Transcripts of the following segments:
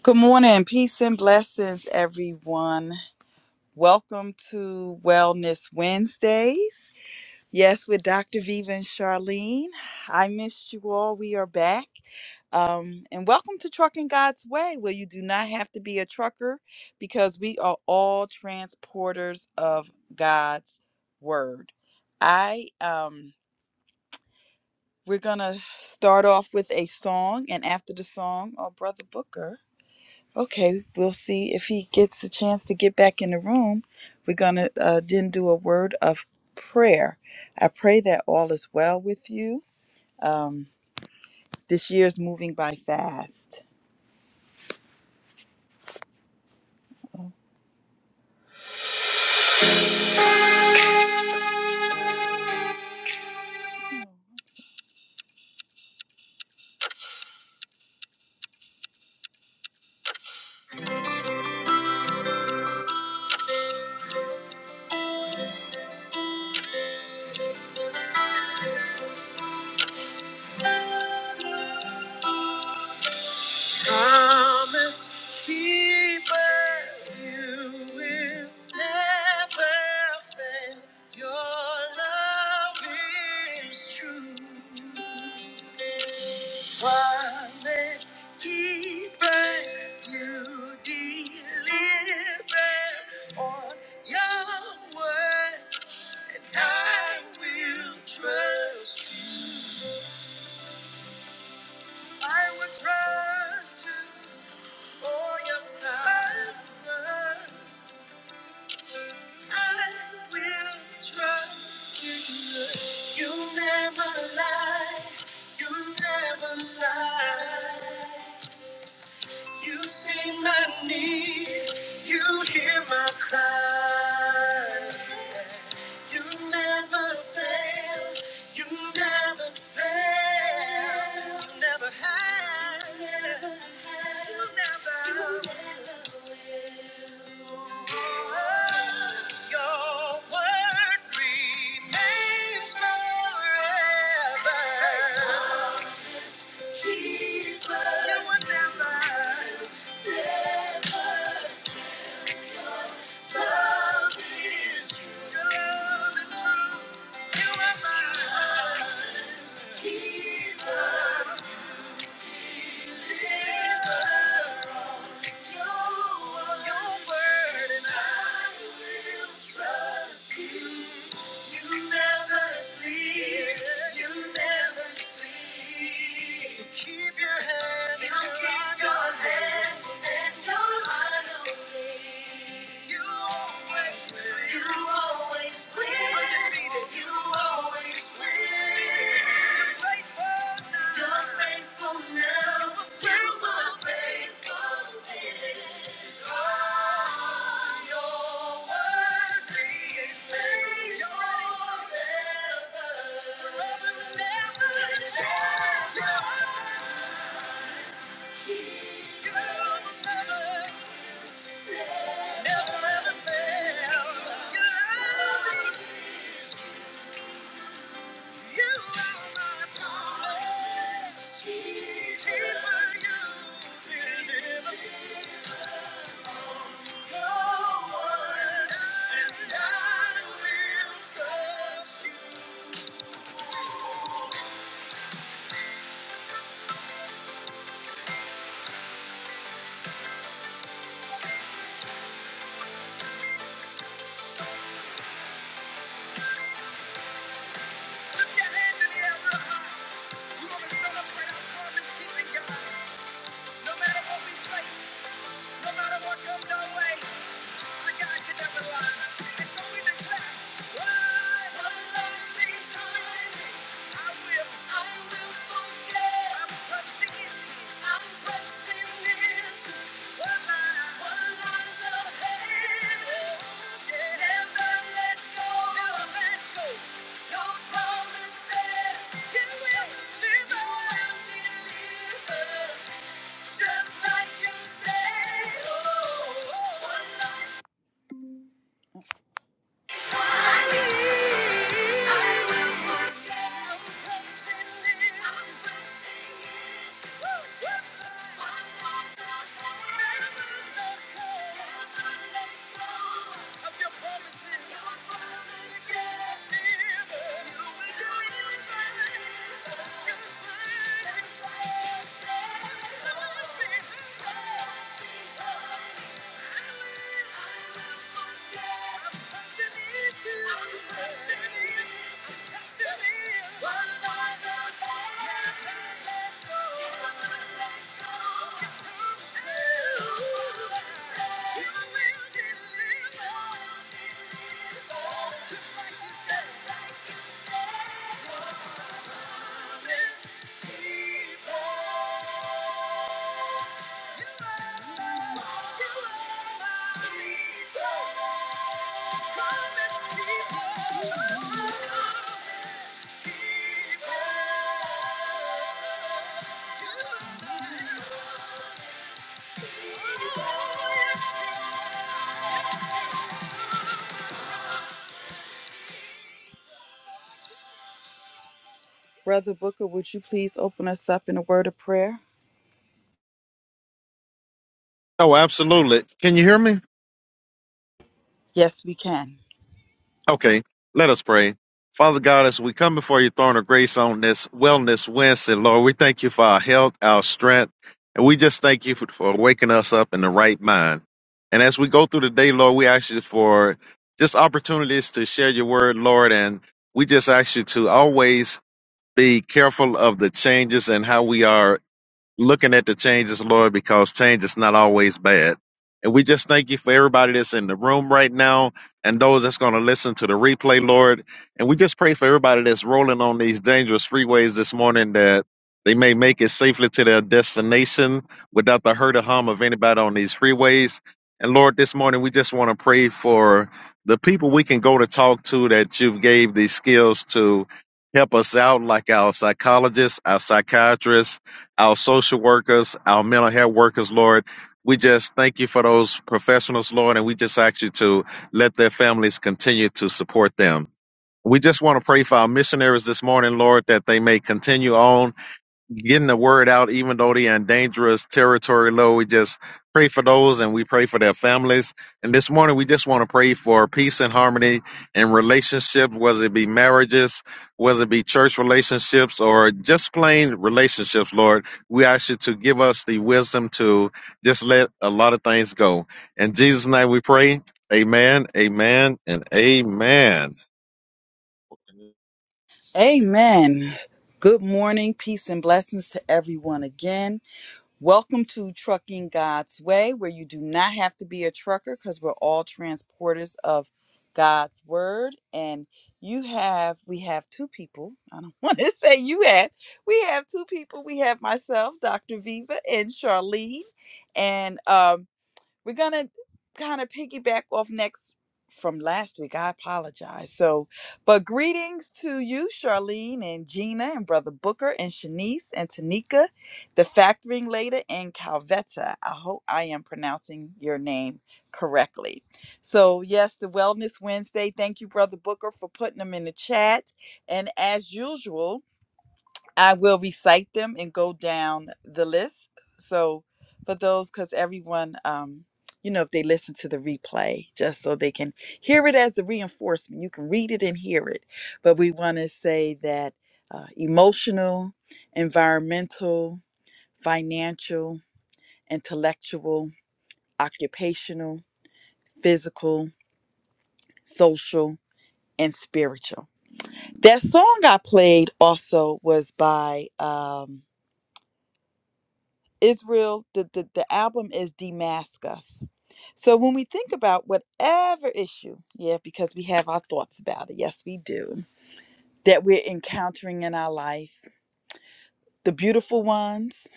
Good morning, peace and blessings, everyone. Welcome to Wellness Wednesdays. Yes, with Dr. Viva and Charlene. I missed you all. We are back. Um, and welcome to Trucking God's Way, where you do not have to be a trucker because we are all transporters of God's Word. I um we're gonna start off with a song, and after the song, oh brother Booker. Okay, we'll see if he gets a chance to get back in the room. We're going to uh, then do a word of prayer. I pray that all is well with you. Um, this year is moving by fast. Promise keeper, you will never fail. Your love is true. Promise keeper, you deliver on your word, and I will trust you. I will trust you for your salvation. I will trust you. You never lie. You never lie. You see my need, you hear my cry. You never fail, you never fail. You never have. You never have. You never. will. Your word remains forever. Promise keeper. You will never. Never. Your word, and I will Trust you. You never sleep. You never sleep. You keep your hand. You and your keep eye your on me. hand and your eye on me. You always win. You always win. Undefeated. You always win. Never ever fail. Your love is no matter what we face, no matter what comes our way, Just like you say. oh, oh, oh, one life. Thank you. Just like you said, Brother Booker, would you please open us up in a word of prayer? Oh, absolutely. Can you hear me? Yes, we can. Okay, let us pray. Father God, as we come before your throne of grace on this Wellness Wednesday, Lord, we thank you for our health, our strength, and we just thank you for, for waking us up in the right mind. And as we go through the day, Lord, we ask you for just opportunities to share your word, Lord, and we just ask you to always be careful of the changes and how we are looking at the changes, Lord, because change is not always bad. And we just thank you for everybody that's in the room right now and those that's going to listen to the replay, Lord. And we just pray for everybody that's rolling on these dangerous freeways this morning that they may make it safely to their destination without the hurt or harm of anybody on these freeways. And Lord, this morning we just want to pray for the people we can go to talk to that you've gave these skills to help us out, like our psychologists, our psychiatrists, our social workers, our mental health workers, Lord. We just thank you for those professionals, Lord, and we just ask you to let their families continue to support them. We just want to pray for our missionaries this morning, Lord, that they may continue on getting the word out, even though they're in dangerous territory, Lord. We just pray for those and we pray for their families. And this morning, we just want to pray for peace and harmony in relationships, whether it be marriages, whether it be church relationships, or just plain relationships, Lord. We ask you to give us the wisdom to just let a lot of things go. In Jesus' name we pray. Amen, amen, and amen. Amen. Good morning, peace and blessings to everyone again. Welcome to Trucking God's Way, where you do not have to be a trucker because we're all transporters of God's Word. And you have, we have two people. I don't want to say you have. We have two people. We have myself, Dr. Viva, and Charlene. And um, we're gonna kind of piggyback off next from last week. I apologize. So, but greetings to you, Charlene and Gina and Brother Booker and Shanice and Tanika, the factoring lady and Calvetta. I hope I am pronouncing your name correctly. So, yes, the Wellness Wednesday. Thank you, Brother Booker, for putting them in the chat. And as usual, I will recite them and go down the list. So for those, because everyone, um, you know, if they listen to the replay, just so they can hear it as a reinforcement, you can read it and hear it. But we want to say that uh, emotional, environmental, financial, intellectual, occupational, physical, social, and spiritual. That song I played also was by. Um, Israel, the, the, the album is Damascus. So when we think about whatever issue, yeah, because we have our thoughts about it, yes, we do, that we're encountering in our life, the beautiful ones,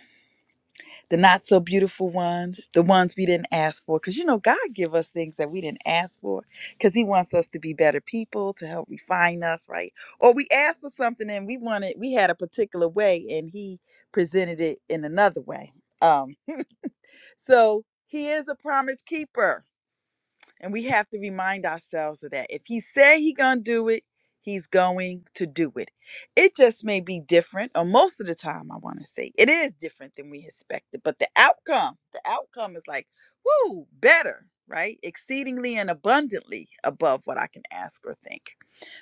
the not so beautiful ones, the ones we didn't ask for, because you know, God give us things that we didn't ask for, because He wants us to be better people, to help refine us, right? Or we asked for something and we wanted, we had a particular way and He presented it in another way. Um. So he is a promise keeper, and we have to remind ourselves of that. If he said he gonna do it, he's going to do it. It just may be different, or most of the time, I want to say it is different than we expected. But the outcome, the outcome is like, woo, better, right? Exceedingly and abundantly above what I can ask or think.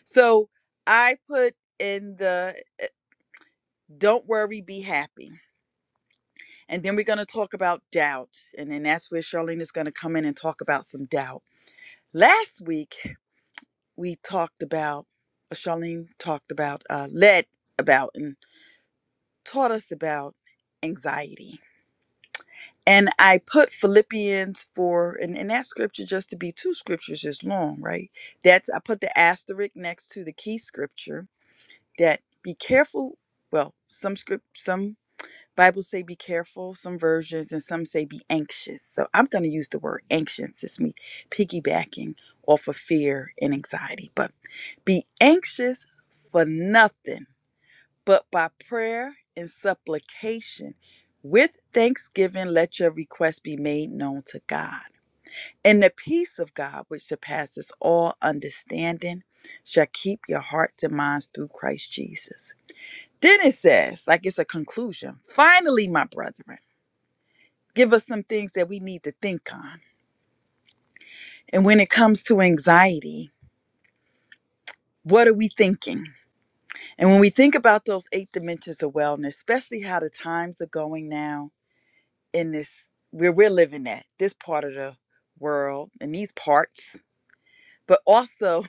So I put in the uh, don't worry, be happy and then we're going to talk about doubt. And then that's where Charlene is going to come in and talk about some doubt. Last week, we talked about, uh, Charlene talked about, uh, led about, and taught us about anxiety. And I put Philippians 4, and, and that scripture, just to be two scriptures, is long, right? That's, I put the asterisk next to the key scripture that be careful. Well, some script, some Bible say be careful, some versions, and some say be anxious. So I'm going to use the word anxious. It's me piggybacking off of fear and anxiety. But be anxious for nothing, but by prayer and supplication, with thanksgiving, let your requests be made known to God. And the peace of God, which surpasses all understanding, shall keep your hearts and minds through Christ Jesus. Then it says, like it's a conclusion finally, my brethren give us some things that we need to think on. And when it comes to anxiety, what are we thinking? And when we think about those eight dimensions of wellness, especially how the times are going now in this where we're living at, this part of the world, in these parts, but also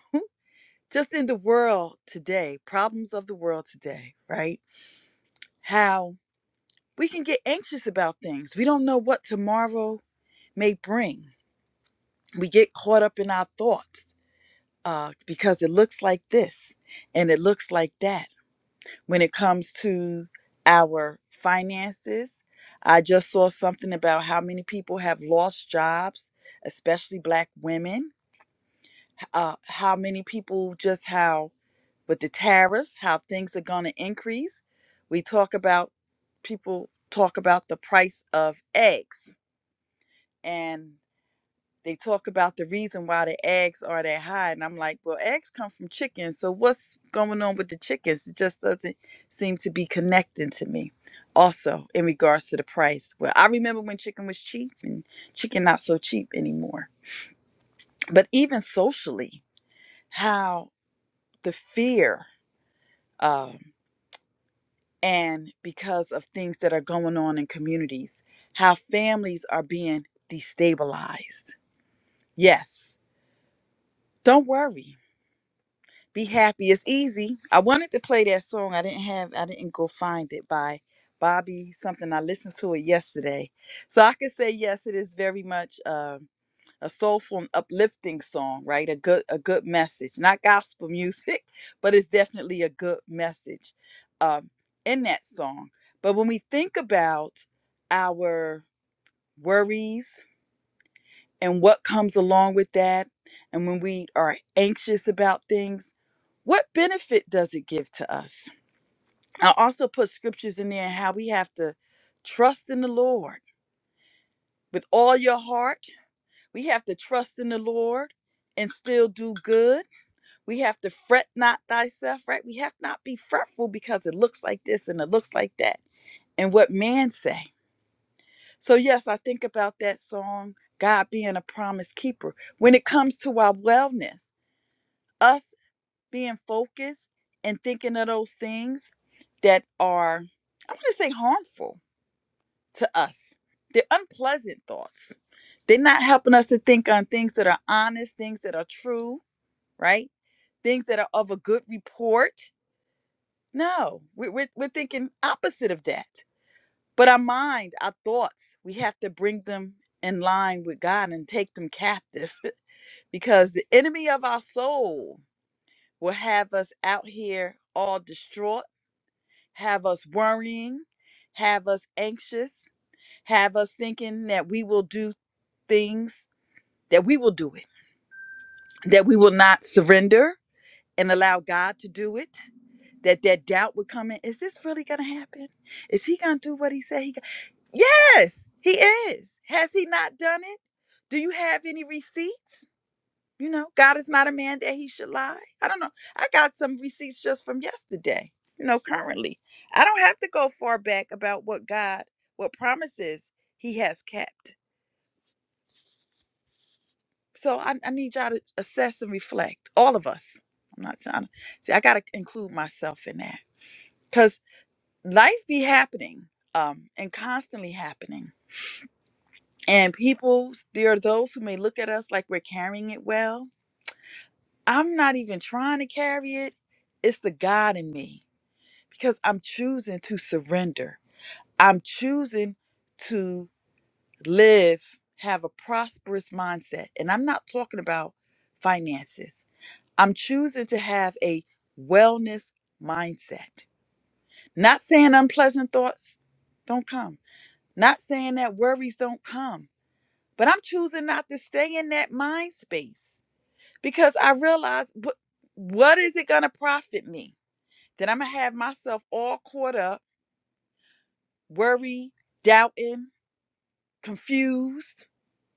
just in the world today, problems of the world today, right? How we can get anxious about things. We don't know what tomorrow may bring. We get caught up in our thoughts uh, because it looks like this and it looks like that. When it comes to our finances, I just saw something about how many people have lost jobs, especially Black women, uh, how many people just how, with the tariffs, how things are going to increase. We talk about, people talk about the price of eggs. and. they talk about the reason why the eggs are that high and i'm like well eggs come from chickens so what's going on with the chickens it just doesn't seem to be connecting to me also in regards to the price well i remember when chicken was cheap and chicken not so cheap anymore but even socially how the fear um, and because of things that are going on in communities how families are being destabilized yes don't worry Be happy. It's easy. I wanted to play that song. I didn't have. I didn't go find it by Bobby something. I listened to it yesterday, so I could say yes. It is very much um a soulful, and uplifting song, right? A good, a good message. Not gospel music, but it's definitely a good message um, in that song. But when we think about our worries and what comes along with that. And when we are anxious about things, what benefit does it give to us? I also put scriptures in there how we have to trust in the Lord with all your heart. We have to trust in the Lord and still do good. We have to fret not thyself, right? We have not be fretful because it looks like this and it looks like that and what man say. So yes, I think about that song, God being a promise keeper. When it comes to our wellness, us being focused and thinking of those things that are, I want to say, harmful to us. They're unpleasant thoughts. They're not helping us to think on things that are honest, things that are true, right? Things that are of a good report. No, we're, we're, we're thinking opposite of that. But our mind, our thoughts, we have to bring them in line with God and take them captive because the enemy of our soul will have us out here all distraught have us worrying, have us anxious, have us thinking that we will do things, that we will do it, that we will not surrender and allow God to do it, that that doubt would come in. Is this really going to happen? Is he going to do what he said he got? Yes, he is. Has he not done it? Do you have any receipts? You know, God is not a man that he should lie. I don't know. I got some receipts just from yesterday, you know, currently. I don't have to go far back about what God, what promises he has kept. So I, I need y'all to assess and reflect, all of us. I'm not trying to see, I got to include myself in that because life be happening um, and constantly happening. And people, there are those who may look at us like we're carrying it well. I'm not even trying to carry it, it's the God in me because I'm choosing to surrender. I'm choosing to live, have a prosperous mindset. And I'm not talking about finances. I'm choosing to have a wellness mindset. Not saying unpleasant thoughts don't come, not saying that worries don't come, but I'm choosing not to stay in that mind space because I realize what, what is it going to profit me? That I'm going to have myself all caught up worry, doubting, confused.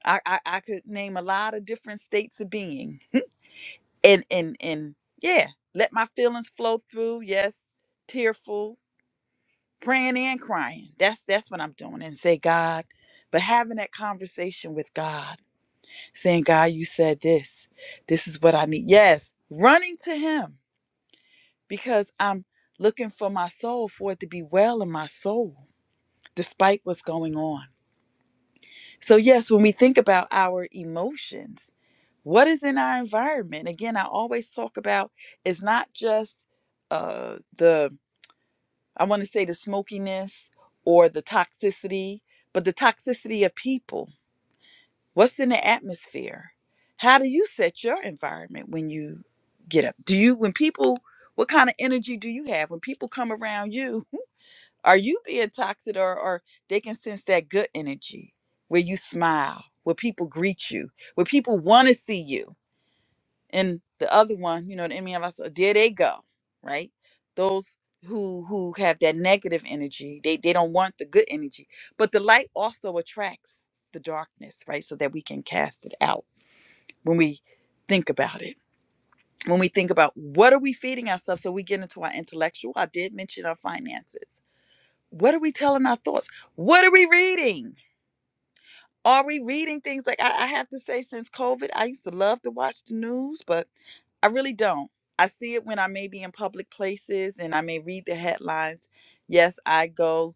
I, I I could name a lot of different states of being. And and and yeah, let my feelings flow through. Yes, tearful, praying and crying. That's that's what I'm doing. And say, God, but having that conversation with God, saying, God, you said this. This is what I need. Yes, running to him because I'm looking for my soul for it to be well in my soul despite what's going on So, yes, when we think about our emotions, what is in our environment? Again, I always talk about it's not just uh, the, I want to say the smokiness or the toxicity, but the toxicity of people. What's in the atmosphere? How do you set your environment when you get up? Do you, when people, what kind of energy do you have when people come around you? Are you being toxic or, or they can sense that good energy where you smile, where people greet you, where people want to see you? And the other one, you know, the enemy of us, uh, there they go, right? Those who who have that negative energy, they they don't want the good energy. But the light also attracts the darkness, right? So that we can cast it out when we think about it. When we think about what are we feeding ourselves, so we get into our intellectual. I did mention our finances what are we telling our thoughts? What are we reading? Are we reading things like I, I have to say, since COVID, I used to love to watch the news, but I really don't. I see it when I may be in public places and I may read the headlines. Yes, I go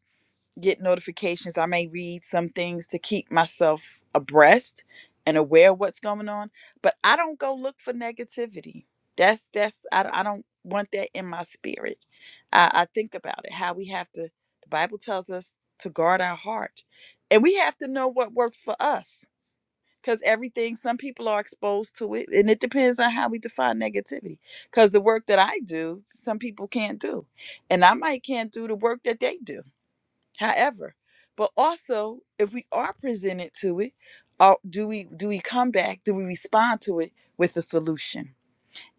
get notifications. I may read some things to keep myself abreast and aware of what's going on, but I don't go look for negativity. That's that's I, I don't want that in my spirit. I, I think about it how we have to. The Bible tells us to guard our heart, and we have to know what works for us. Because everything, some people are exposed to it, and it depends on how we define negativity. Because the work that I do, some people can't do, and I might can't do the work that they do However, but also if we are presented to it, or do we do we come back? Do we respond to it with a solution?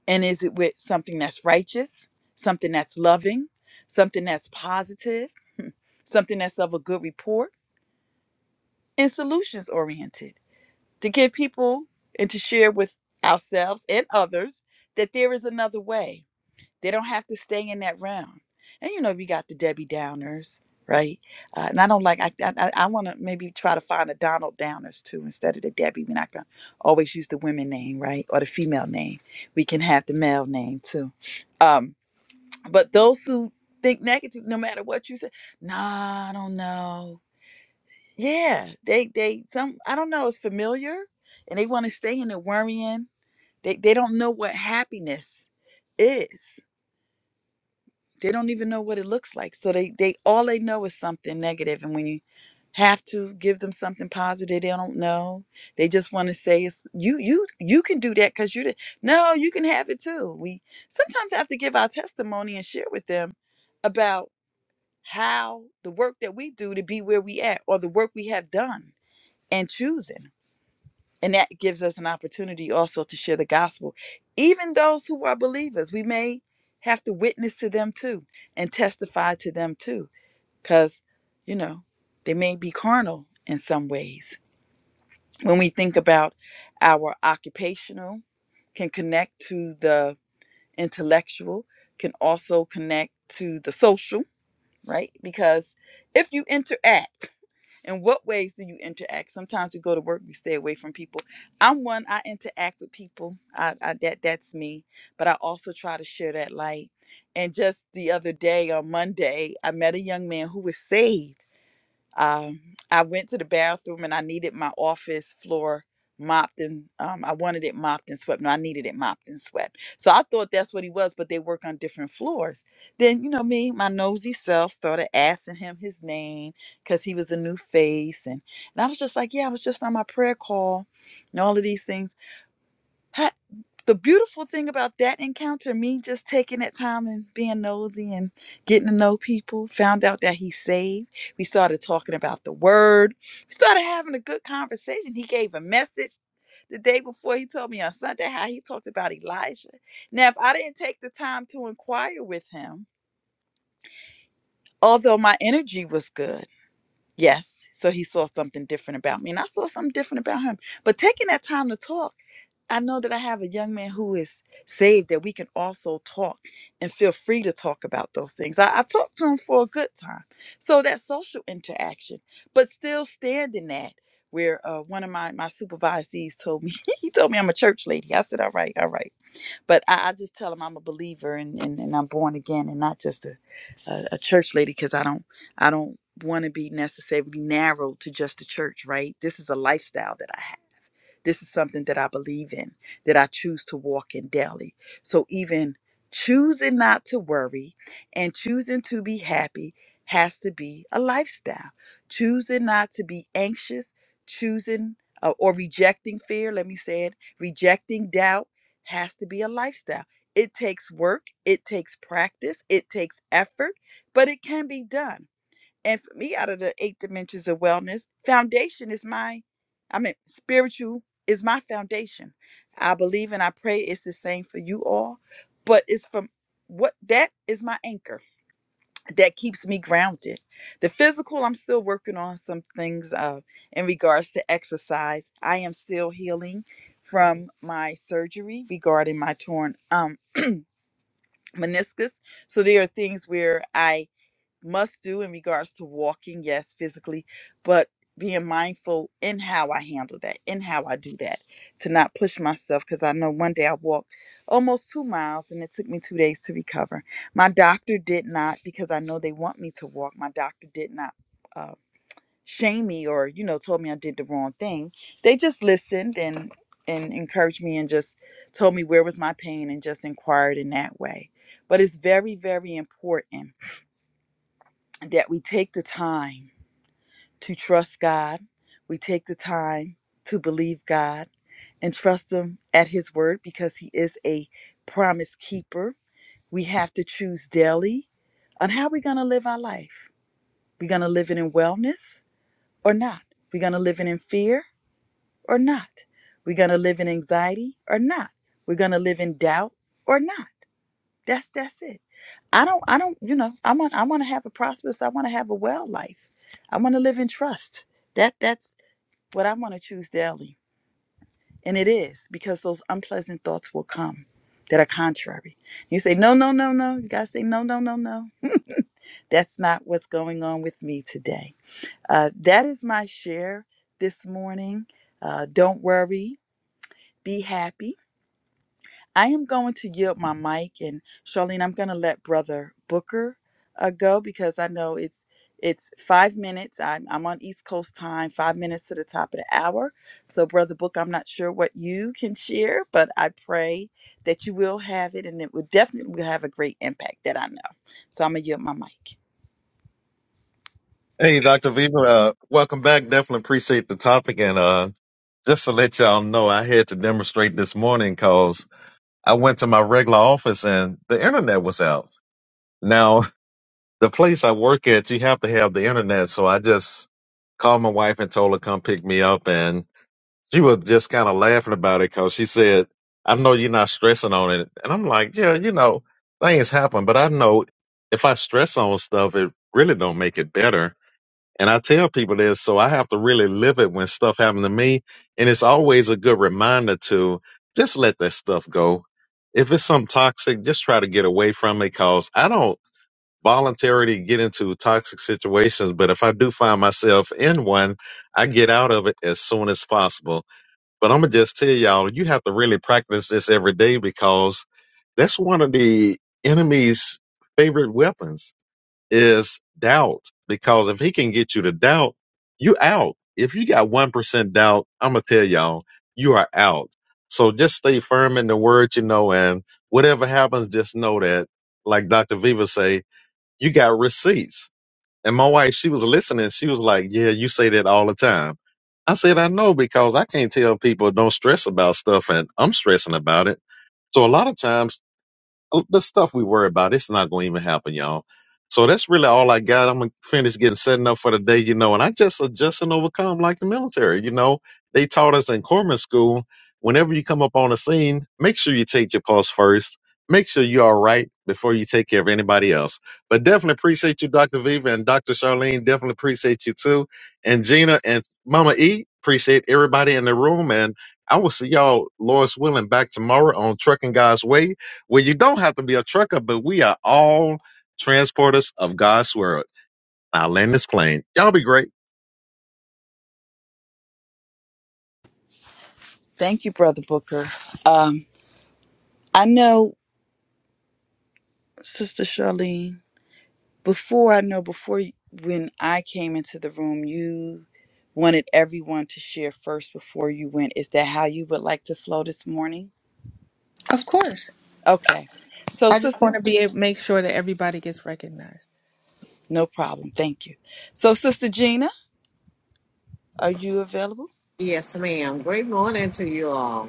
And is it with something that's righteous, something that's loving, something that's positive, something that's of a good report, and solutions oriented to give people and to share with ourselves and others that there is another way they don't have to stay in that round, And you know, we got the Debbie Downers, right? Uh, and I don't like. I I, I want to maybe try to find a Donald Downers too instead of the Debbie. We're not gonna always use the women name, right, or the female name. We can have the male name too. Um, but those who think negative, no matter what you say, nah, I don't know. Yeah, they they some I don't know. It's familiar, and they want to stay in the worrying. They they don't know what happiness is they don't even know what it looks like so they they all they know is something negative and when you have to give them something positive they don't know they just want to say it's you you you can do that because you did no you can have it too we sometimes have to give our testimony and share with them about how the work that we do to be where we at or the work we have done and choosing and that gives us an opportunity also to share the gospel. Even those who are believers, we may have to witness to them too and testify to them too, because, you know, they may be carnal in some ways. When we think about our occupational, can connect to the intellectual, can also connect to the social, right? Because if you interact, in what ways do you interact? Sometimes we go to work, we stay away from people. I'm one, I interact with people. I, I that that's me. But I also try to share that light. And just the other day on Monday, I met a young man who was saved um, I went to the bathroom and I needed my office floor mopped and um, I wanted it mopped and swept. No, I needed it mopped and swept. So I thought that's what he was, but they work on different floors. Then, you know, me, my nosy self started asking him his name because he was a new face. And, and I was just like, yeah, I was just on my prayer call and all of these things. Ha- the beautiful thing about that encounter, me just taking that time and being nosy and getting to know people, found out that he's saved. We started talking about the word. We started having a good conversation. He gave a message the day before he told me on Sunday how he talked about Elijah. Now, if I didn't take the time to inquire with him, although my energy was good. Yes. So he saw something different about me, and I saw something different about him. But taking that time to talk, I know that I have a young man who is saved that we can also talk and feel free to talk about those things. I, I talked to him for a good time. So that social interaction, but still standing that where uh, one of my, my supervisees told me, he told me I'm a church lady. I said, all right, all right but I, I just tell them I'm a believer and, and, and I'm born again and not just a, a, a church lady because I don't I don't want to be necessarily narrow to just a church, right? This is a lifestyle that I have this is something that I believe in, that I choose to walk in daily. So even choosing not to worry and choosing to be happy has to be a lifestyle. Choosing not to be anxious, choosing uh, or rejecting fear, let me say it, rejecting doubt has to be a lifestyle. It takes work, it takes practice, it takes effort, but it can be done. And for me, out of the eight dimensions of wellness, foundation is my, I mean, spiritual is my foundation. I believe and I pray it's the same for you all, but it's from what that is my anchor that keeps me grounded. The physical, I'm still working on some things uh, in regards to exercise. I am still healing from my surgery regarding my torn um, meniscus. So there are things where I must do in regards to walking, yes, physically, but being mindful in how I handle that, in how I do that, to not push myself. Because I know one day I walked almost two miles and it took me two days to recover. My doctor did not, because I know they want me to walk, my doctor did not uh, shame me or, you know, told me I did the wrong thing. They just listened and and encouraged me and just told me where was my pain and just inquired in that way. But it's very, very important that we take the time to trust God, we take the time to believe God and trust Him at His word because He is a promise keeper. We have to choose daily on how we're going to live our life. We're going to live it in wellness or not. We're going to live it in fear or not. We're going to live in anxiety or not. We're going to live in doubt or not. That's that's it. I don't I don't you know I want I want to have a prosperous I want to have a well life. I want to live in trust. That that's what I want to choose daily. And it is because those unpleasant thoughts will come that are contrary. You say no no no no. You gotta say no no no no. That's not what's going on with me today. Uh, that is my share this morning. Uh, don't worry. Be happy I am going to yield my mic, and Charlene, I'm going to let Brother Booker uh, go because I know it's it's five minutes. I'm, I'm on East Coast time, five minutes to the top of the hour. So, Brother Booker, I'm not sure what you can share, but I pray that you will have it, and it will definitely will have a great impact that I know. So, I'm going to yield my mic. Hey, Dr. Viva, uh, welcome back. Definitely appreciate the topic. And uh, just to let y'all know, I had to demonstrate this morning because I went to my regular office and the internet was out. Now, the place I work at, you have to have the internet. So I just called my wife and told her come pick me up. And she was just kind of laughing about it because she said, I know you're not stressing on it. And I'm like, yeah, you know, things happen, but I know if I stress on stuff, it really don't make it better and I tell people this, so I have to really live it when stuff happened to me. And it's always a good reminder to just let that stuff go. If it's something toxic, just try to get away from it because I don't voluntarily get into toxic situations. But if I do find myself in one, I get out of it as soon as possible. But I'm going to just tell y'all, you have to really practice this every day because that's one of the enemy's favorite weapons is doubt because if he can get you to doubt, you out. If you got 1% doubt, I'm going to tell y'all, you are out. So just stay firm in the word, you know, and whatever happens, just know that, like Dr. Viva say, you got receipts. And my wife, she was listening. She was like, yeah, you say that all the time. I said, I know because I can't tell people don't stress about stuff and I'm stressing about it. So a lot of times Oh, the stuff we worry about, it's not going to even happen, y'all. So that's really all I got. I'm going to finish getting setting up for the day, you know, and I just adjust and overcome like the military. You know, they taught us in corpsman school whenever you come up on the scene, make sure you take your pulse first. Make sure you're all right before you take care of anybody else. But definitely appreciate you, Dr. Viva and Dr. Charlene. Definitely appreciate you too. And Gina and Mama E, appreciate everybody in the room. And I will see y'all, Lord's willing, back tomorrow on Trucking God's Way well, you don't have to be a trucker, but we are all transporters of God's word. I'll land this plane. Y'all be great. Thank you, Brother Booker. Um, I know, Sister Charlene. before I know, before y- when I came into the room, you wanted everyone to share first before you went. Is that how you would like to flow this morning? Of course. Okay. So, I just Sister, want to be able, make sure that everybody gets recognized. no problem. Thank you. So, Sister Gina, are you available? Yes, ma'am. Great morning to you all.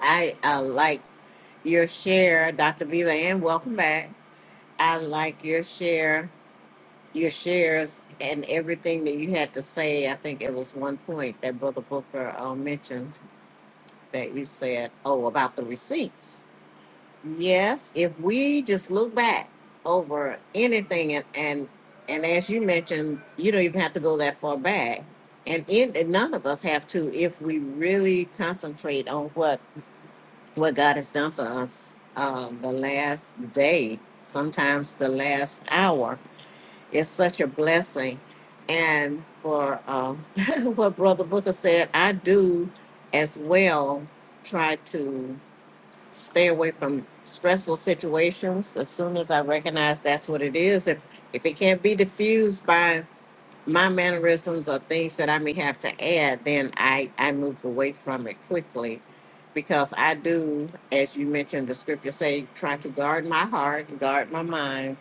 I uh, like your share, Dr. Viva, and welcome back. I like your share, your shares, and everything that you had to say. I think it was one point that Brother Booker uh, mentioned that you said, oh, about the receipts. Yes, if we just look back over anything, and and, and as you mentioned, you don't even have to go that far back and it, and none of us have to if we really concentrate on what what God has done for us uh, the last day, sometimes the last hour, is such a blessing. And for um, what Brother Booker said, I do as well try to stay away from stressful situations as soon as I recognize that's what it is. If if it can't be diffused by my mannerisms or things that I may have to add, then I, I moved away from it quickly because I do, as you mentioned, the scripture say, try to guard my heart, guard my mind.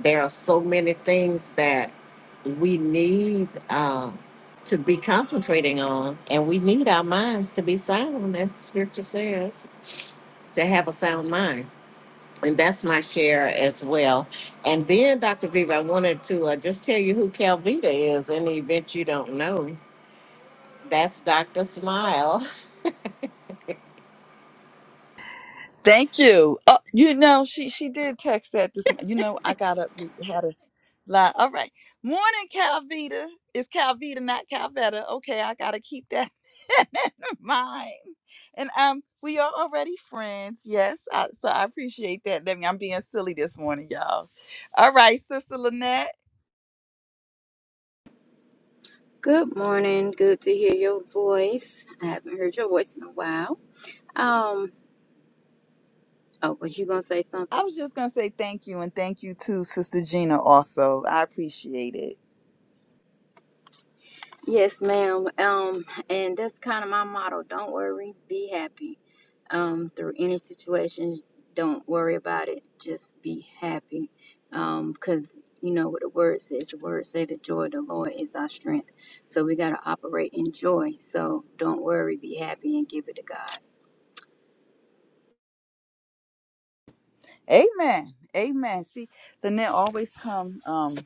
There are so many things that we need uh, to be concentrating on, and we need our minds to be sound, as the scripture says, to have a sound mind. And that's my share as well. And then, Dr. Viva, I wanted to uh, just tell you who Calvita is in the event you don't know. That's Dr. Smile. Thank you. Oh, you know, she she did text that this. m- You know, I got up. We had a lie. All right. Morning, Calvita. It's Calvita, not Calvetta. Okay, I gotta keep that in mind. And um, we are already friends. Yes. I, so I appreciate that. Let me. I'm being silly this morning, y'all. All right, Sister Lynette. Good morning. Good to hear your voice. I haven't heard your voice in a while. Um, oh, was you gonna say I something? was just gonna say thank you and thank you to Sister Gina also. I appreciate it. Yes, ma'am. Um, and that's kind of my motto. Don't worry, be happy. Um, through any situations, don't worry about it. Just be happy. Um, because you know what the word says. The word say the joy of the Lord is our strength. So we gotta operate in joy. So don't worry, be happy and give it to God. Amen. Amen. See, Lynette always come. Um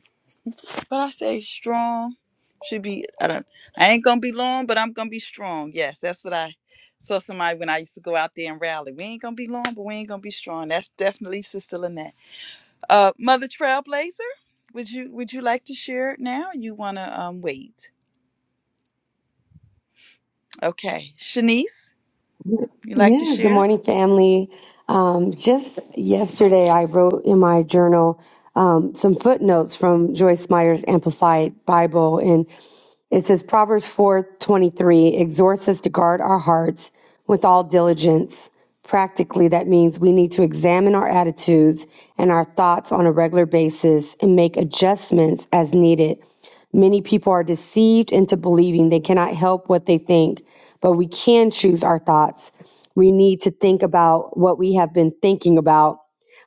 But I say strong should be. I don't. I ain't gonna be long, but I'm gonna be strong. Yes, that's what I saw somebody when I used to go out there and rally. We ain't gonna be long, but we ain't gonna be strong. That's definitely Sister Lynette. Uh, Mother Trailblazer, would you would you like to share it now? Or you wanna um wait? Okay, Shanice, you like to Yeah, good share? morning, family. Um, just yesterday, I wrote in my journal um, some footnotes from Joyce Meyer's Amplified Bible, and it says Proverbs four twenty three exhorts us to guard our hearts with all diligence. Practically, that means we need to examine our attitudes and our thoughts on a regular basis and make adjustments as needed. Many people are deceived into believing they cannot help what they think, but we can choose our thoughts. We need to think about what we have been thinking about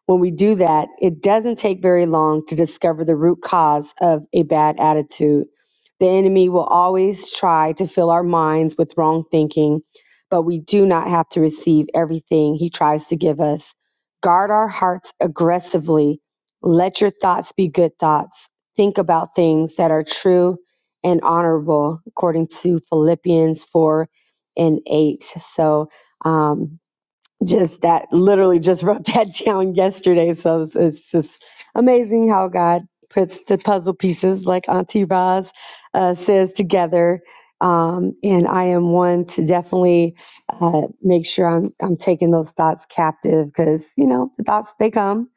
when we do that, it doesn't take very long to discover the root cause of a bad attitude. The enemy will always try to fill our minds with wrong thinking, but we do not have to receive everything he tries to give us. Guard our hearts aggressively. Let your thoughts be good thoughts. Think about things that are true and honorable, according to Philippians 4 and 8. So, um, just that literally just wrote that down yesterday. So it's, it's just amazing how God puts the puzzle pieces, like Auntie Roz uh, says, together. Um, and I am one to definitely uh, make sure I'm I'm taking those thoughts captive because you know the thoughts they come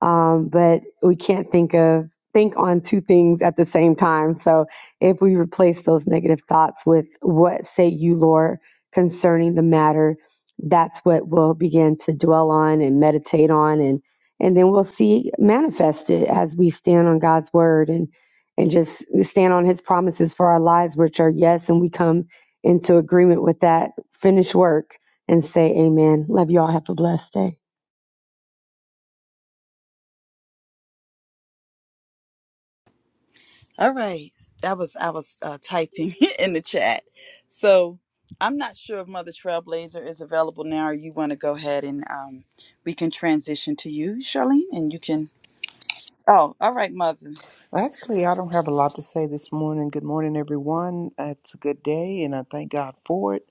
um, but we can't think of think on two things at the same time. So if we replace those negative thoughts with what say you, Lord, concerning the matter, that's what we'll begin to dwell on and meditate on and and then we'll see manifested as we stand on God's word and and just stand on his promises for our lives, which are yes, and we come into agreement with that finished work and say amen. Love you all. Have a blessed day. All right. That was I was uh, typing in the chat. So I'm not sure if Mother Trailblazer is available now, or you want to go ahead and um, we can transition to you, Charlene, and you can. Oh, all right, Mother. Actually, I don't have a lot to say this morning. Good morning, everyone. It's a good day, and I thank God for it.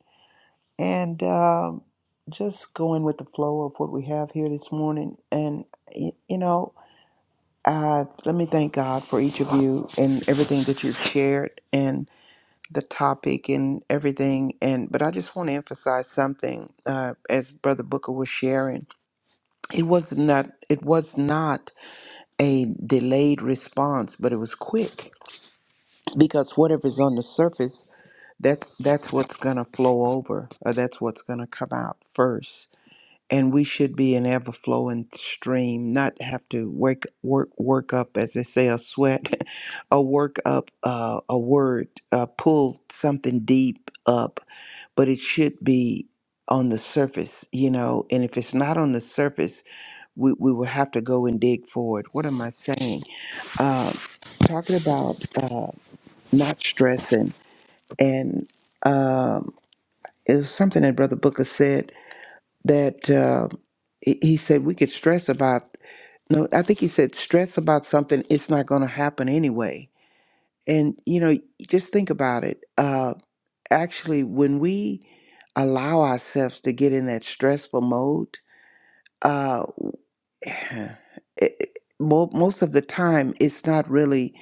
And um, just going with the flow of what we have here this morning. And, y- you know, uh, let me thank God for each of you and everything that you've shared and the topic and everything. And But I just want to emphasize something uh, as Brother Booker was sharing. It was not. It was not a delayed response, but it was quick because whatever's on the surface that's that's what's going to flow over or that's what's going to come out first and we should be an ever flowing stream not have to work work work up as they say a sweat a work up uh, a word uh, pull something deep up but it should be on the surface you know and if it's not on the surface we, we would have to go and dig for it what am i saying uh, talking about uh, not stressing and um, it was something that Brother Booker said that uh, he he said we could stress about. No, I think he said stress about something. It's not going to happen anyway. And you know, just think about it. Uh, actually, when we allow ourselves to get in that stressful mode, uh, it, it- mo- most of the time it's not really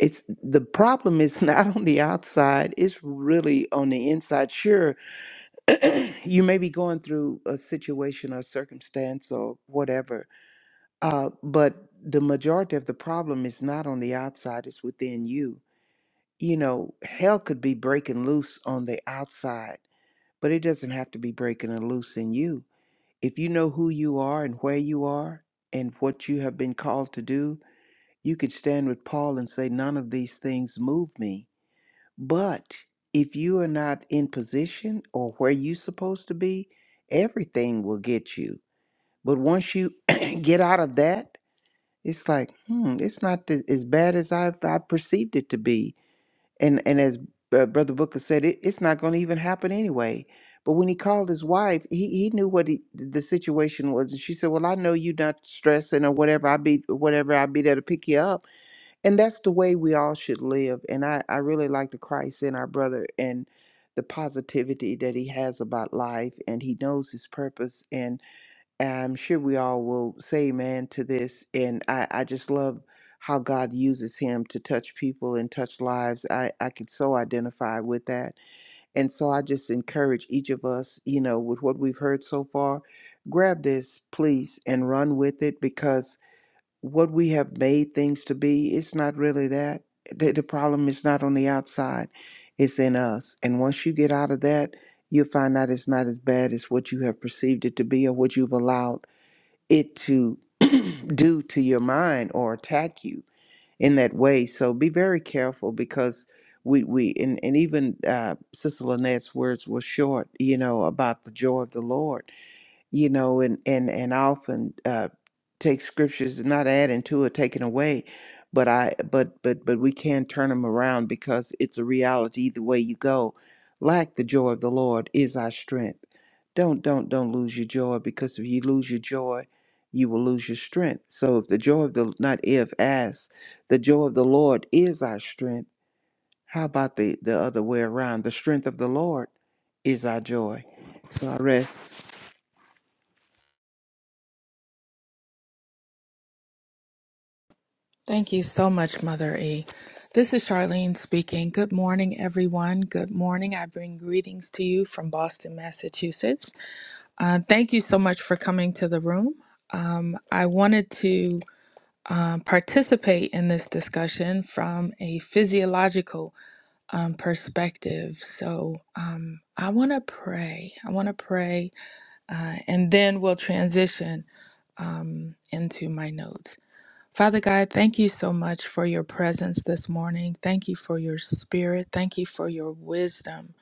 it's the problem is not on the outside it's really on the inside sure you may be going through a situation or circumstance or whatever, uh, but the majority of the problem is not on the outside, it's within you. You know, hell could be breaking loose on the outside, but it doesn't have to be breaking it loose in you. If you know who you are and where you are and what you have been called to do, you could stand with Paul and say, None of these things move me but if you are not in position or where you're supposed to be, everything will get you. But once you get out of that, it's like, hmm, it's not th- as bad as I've, I perceived it to be. And and as uh, Brother Booker said, it, it's not going to even happen anyway. But when he called his wife, he, he knew what he, the situation was, and she said, "Well, I know you're not stressing or whatever. I be whatever I be there to pick you up." And that's the way we all should live. And I, I really like the Christ in our brother and the positivity that he has about life and he knows his purpose. And I'm sure we all will say amen to this. And I, I just love how God uses him to touch people and touch lives. I, I could so identify with that. And so I just encourage each of us, you know, with what we've heard so far, grab this, please, and run with it because what we have made things to be, it's not really that. The, the problem is not on the outside, it's in us. And once you get out of that, you'll find out it's not as bad as what you have perceived it to be or what you've allowed it to do to your mind or attack you in that way. So be very careful because we we and, and even uh, Sister Lynette's words were short, you know, about the joy of the Lord you know, and and and I often uh, take scriptures, not adding to or taking away, but I but but but we can turn them around because it's a reality either way you go. Like the joy of the Lord is our strength. Don't don't don't lose your joy because if you lose your joy, you will lose your strength. So if the joy of the not if as the joy of the Lord is our strength. How about the the other way around? The strength of the Lord is our joy. So I rest. Thank you so much, Mother E. This is Charlene speaking. Good morning, everyone. Good morning. I bring greetings to you from Boston, Massachusetts. Uh, thank you so much for coming to the room. Um, I wanted to um, participate in this discussion from a physiological um, perspective. So um, I want to pray. I want to pray, uh, and then we'll transition um, into my notes. Father God, thank you so much for your presence this morning. Thank you for your spirit. Thank you for your wisdom.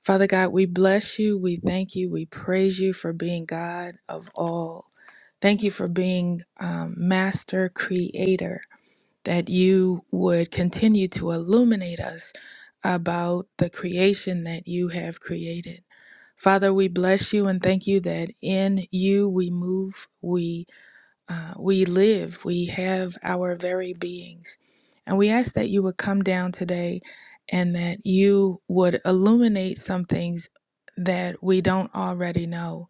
Father God, we bless you. We thank you. We praise you for being God of all. Thank you for being um, master creator, that you would continue to illuminate us about the creation that you have created. Father, we bless you and thank you that in you we move, we uh, we live, we have our very beings. And we ask that you would come down today and that you would illuminate some things that we don't already know.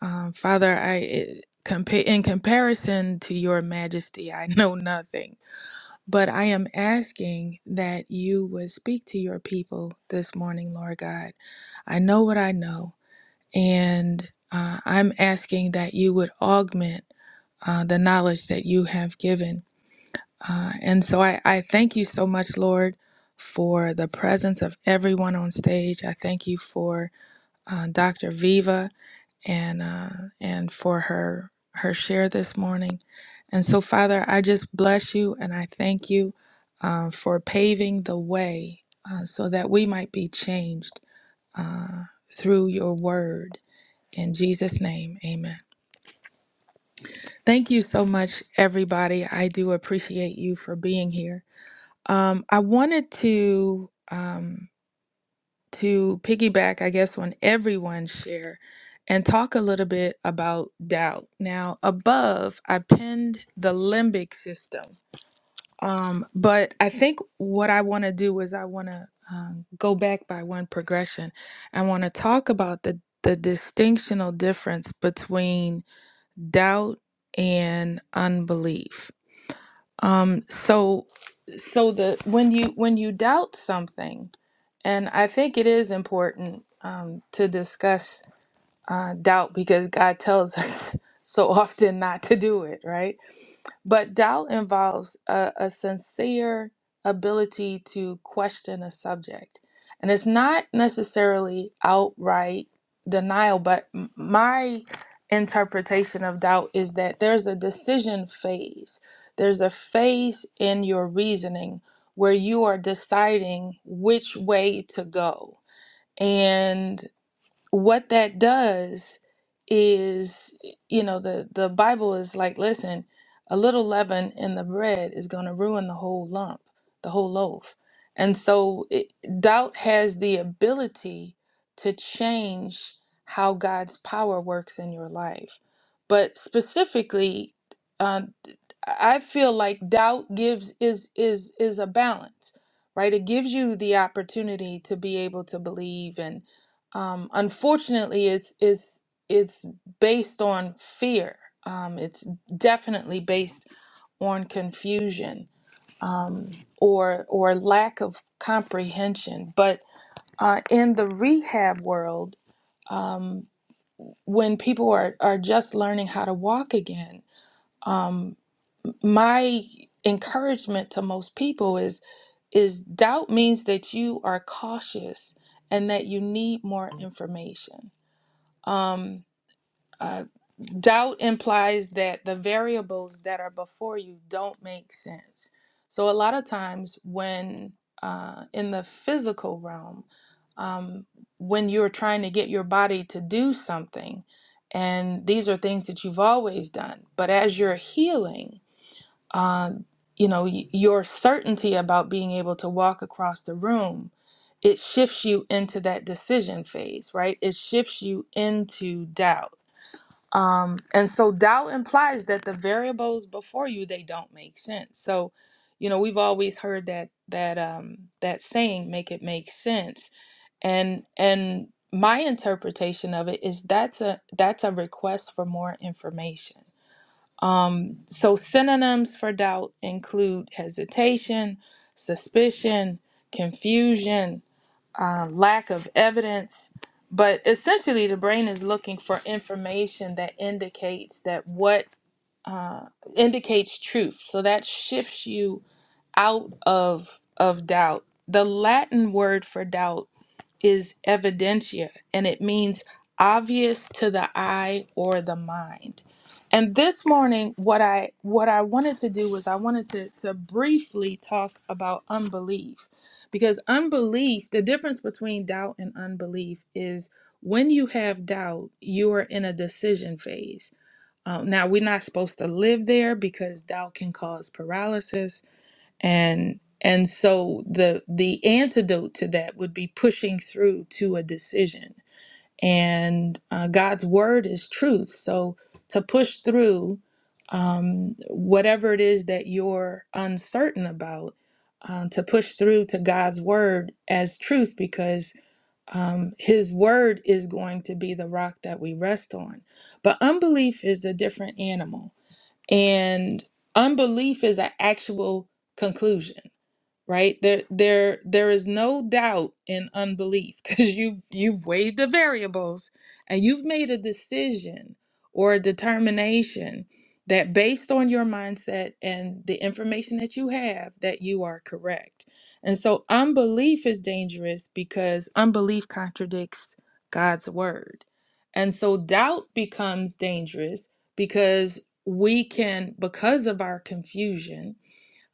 Um, Father, I. It, compa- in comparison to your majesty, I know nothing. But I am asking that you would speak to your people this morning, Lord God. I know what I know. And uh, I'm asking that you would augment uh, the knowledge that you have given. Uh, and so I, I thank you so much, Lord, for the presence of everyone on stage. I thank you for uh, Dr. Viva and uh, and for her her share this morning. And so, Father, I just bless you and I thank you uh, for paving the way uh, so that we might be changed uh, through your word in Jesus' name, amen. Thank you so much, everybody. I do appreciate you for being here. Um, I wanted to um, to piggyback, I guess, on everyone's share and talk a little bit about doubt. Now, above, I pinned the limbic system, um, but I think what I want to do is I want to um, go back by one progression. I want to talk about the the distinctional difference between doubt and unbelief. Um, so so the when you when you doubt something, and I think it is important um, to discuss uh, doubt because God tells us so often not to do it, right? But doubt involves a, a sincere ability to question a subject. And it's not necessarily outright denial, but m- my interpretation of doubt is that there's a decision phase. There's a phase in your reasoning where you are deciding which way to go. and what that does is you know the the bible is like listen a little leaven in the bread is going to ruin the whole lump the whole loaf and so it, doubt has the ability to change how god's power works in your life but specifically uh, i feel like doubt gives is is is a balance right it gives you the opportunity to be able to believe and um, unfortunately it's it's it's based on fear um, it's definitely based on confusion um, or or lack of comprehension but uh, in the rehab world um, when people are, are just learning how to walk again um, my encouragement to most people is is doubt means that you are cautious and that you need more information Um, Uh, doubt implies that the variables that are before you don't make sense. So, a lot of times, when uh, in the physical realm, um, when you're trying to get your body to do something, and these are things that you've always done, but as you're healing, uh, you know, y- your certainty about being able to walk across the room, it shifts you into that decision phase, right? It shifts you into doubt um and so doubt implies that the variables before you they don't make sense so you know we've always heard that that um that saying make it make sense and and my interpretation of it is that's a that's a request for more information um so synonyms for doubt include hesitation suspicion confusion uh, lack of evidence. But essentially, the brain is looking for information that indicates that what uh, indicates truth. So that shifts you out of of doubt. The Latin word for doubt is evidentia and it means obvious to the eye or the mind. And this morning what I what I wanted to do was I wanted to to briefly talk about unbelief because unbelief, the difference between doubt and unbelief is when you have doubt, you are in a decision phase. Um, now, we're not supposed to live there because doubt can cause paralysis and and so the the antidote to that would be pushing through to a decision and uh, god's word is truth so to push through um, whatever it is that you're uncertain about um, to push through to god's word as truth because um, his word is going to be the rock that we rest on but unbelief is a different animal and unbelief is an actual conclusion right there there there is no doubt in unbelief because you've you've weighed the variables and you've made a decision or a determination that based on your mindset and the information that you have that you are correct and so unbelief is dangerous because unbelief contradicts god's word and so doubt becomes dangerous because we can because of our confusion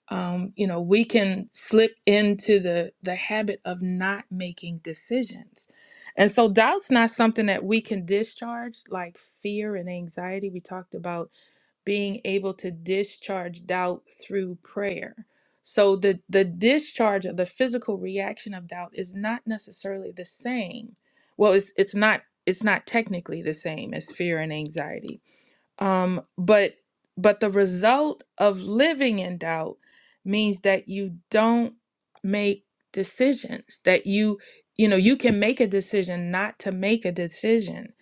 um, you know we can slip into the the habit of not making decisions and so doubt's not something that we can discharge like fear and anxiety we talked about being able to discharge doubt through prayer so the the discharge of the physical reaction of doubt is not necessarily the same well it's it's not it's not technically the same as fear and anxiety um but but the result of living in doubt means that you don't make decisions that you you know you can make a decision not to make a decision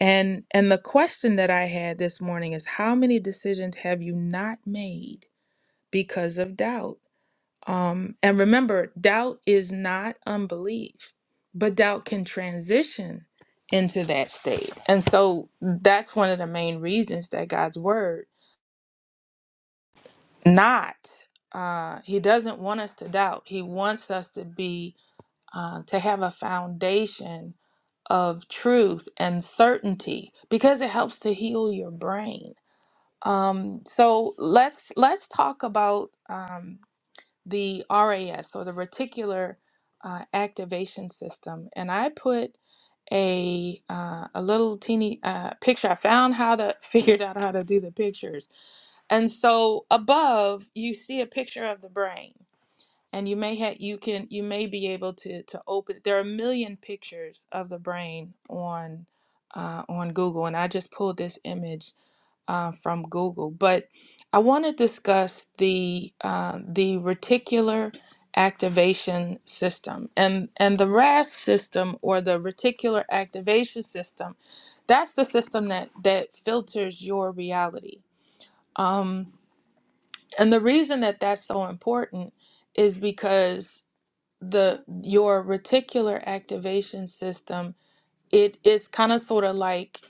and and the question that i had this morning is how many decisions have you not made because of doubt um, and remember, doubt is not unbelief, but doubt can transition into that state. And so that's one of the main reasons that God's word not uh he doesn't want us to doubt. He wants us to be uh to have a foundation of truth and certainty because it helps to heal your brain. Um so let's let's talk about um the RAS or the reticular uh, activation system, and I put a uh, a little teeny uh, picture. I found how to figured out how to do the pictures, and so above you see a picture of the brain, and you may have you can you may be able to to open. There are a million pictures of the brain on. Uh, on Google, and I just pulled this image uh, from Google. But I want to discuss the uh, the reticular activation system and and the RAS system or the reticular activation system. That's the system that that filters your reality. Um, and the reason that that's so important is because the your reticular activation system it is kind of sort of like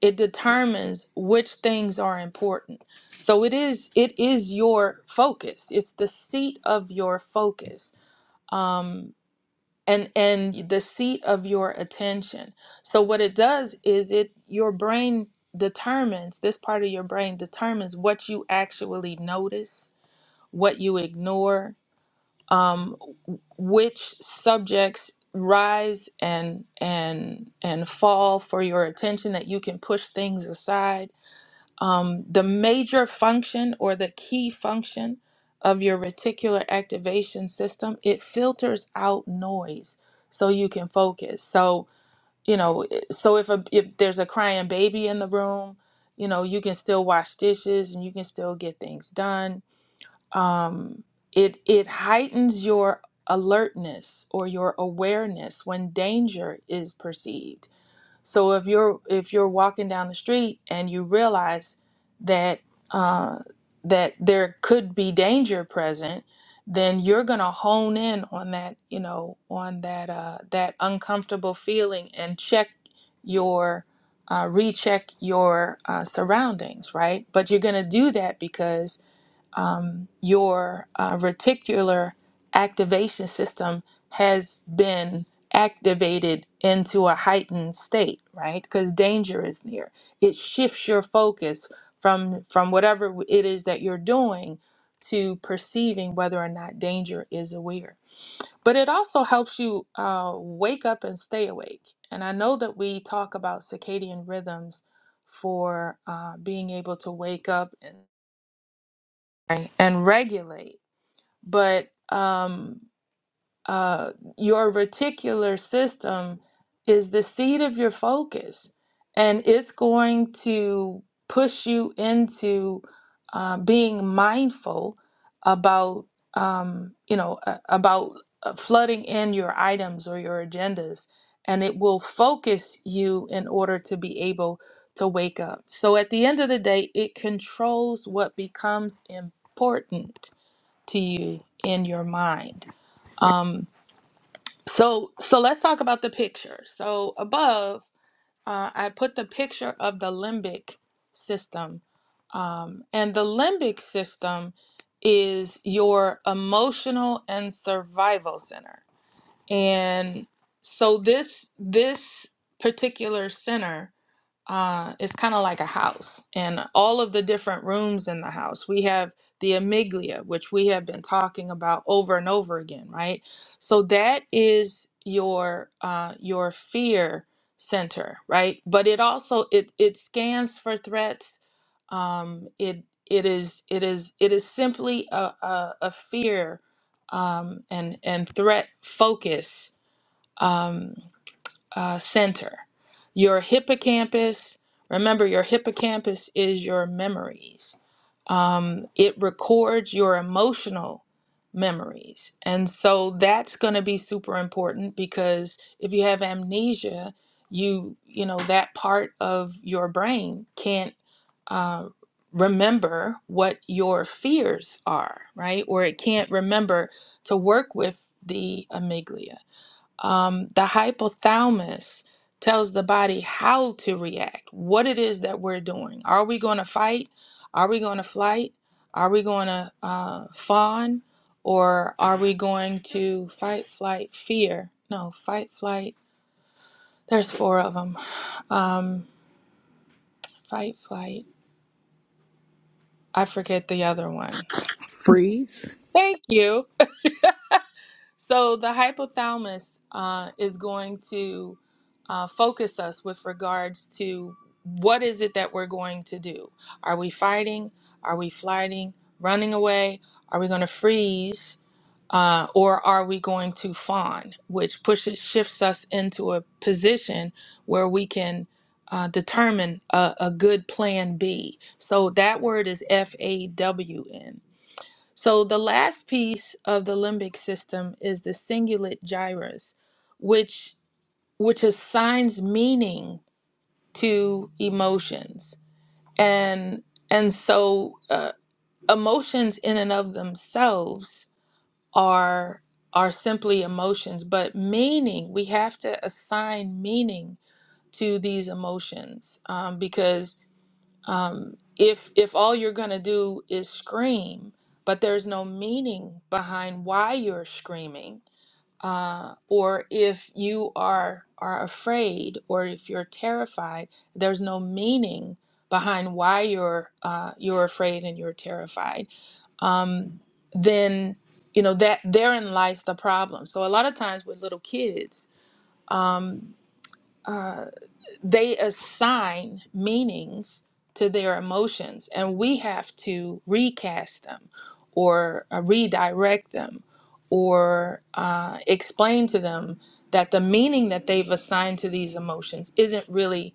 it determines which things are important so it is it is your focus it's the seat of your focus um and and the seat of your attention so what it does is it your brain determines this part of your brain determines what you actually notice what you ignore um, which subjects rise and and and fall for your attention that you can push things aside um, the major function or the key function of your reticular activation system it filters out noise so you can focus so you know so if a if there's a crying baby in the room you know you can still wash dishes and you can still get things done um, it it heightens your alertness or your awareness when danger is perceived. So if you're if you're walking down the street and you realize that uh, that there could be danger present, then you're gonna hone in on that you know on that uh, that uncomfortable feeling and check your uh, recheck your uh, surroundings, right? But you're gonna do that because um, your uh, reticular activation system has been activated into a heightened state right because danger is near it shifts your focus from from whatever it is that you're doing to perceiving whether or not danger is aware but it also helps you uh, wake up and stay awake and i know that we talk about circadian rhythms for uh, being able to wake up and and regulate but um, uh, your reticular system is the seat of your focus, and it's going to push you into uh, being mindful about um, you know uh, about uh, flooding in your items or your agendas, and it will focus you in order to be able to wake up. So at the end of the day, it controls what becomes important to you in your mind. Um, so so let's talk about the picture. So above, uh, I put the picture of the limbic system, um, and the limbic system is your emotional and survival center. And so this this particular center uh, it's kind of like a house and all of the different rooms in the house we have the amygdala which we have been talking about over and over again right so that is your uh, your fear center right but it also it it scans for threats um, it it is it is it is simply a, a, a fear um, and and threat focus Um, uh, center. Your hippocampus, remember, your hippocampus is your memories. Um, it records your emotional memories. And so that's going to be super important because if you have amnesia, you, you know, that part of your brain can't uh, remember what your fears are, right? Or it can't remember to work with the amygdala um, the hypothalamus tells the body how to react, what it is that we're doing. Are we going to fight? Are we going to flight? Are we going to uh, fawn? Or are we going to fight, flight, fear? No, fight, flight. There's four of them. Um, fight, flight. I forget the other one. Freeze. Thank you. So the hypothalamus uh, is going to uh, focus us with regards to what is it that we're going to do? Are we fighting? Are we flighting? Running away? Are we going to freeze? Uh, or are we going to fawn, which pushes shifts us into a position where we can uh, determine a, a good plan B. So that word is F A W N so the last piece of the limbic system is the cingulate gyrus, which which assigns meaning to emotions, and and so uh, emotions in and of themselves are are simply emotions, but meaning we have to assign meaning to these emotions um, because um, if if all you're gonna do is scream, but there's no meaning behind why you're screaming, uh, or if you are are afraid or if you're terrified, there's no meaning behind why you're uh, you're afraid and you're terrified. Um, then you know that therein lies the problem. So a lot of times with little kids. Um, uh, they assign meanings to their emotions and we have to recast them or uh, redirect them or uh, explain to them that the meaning that they've assigned to these emotions isn't really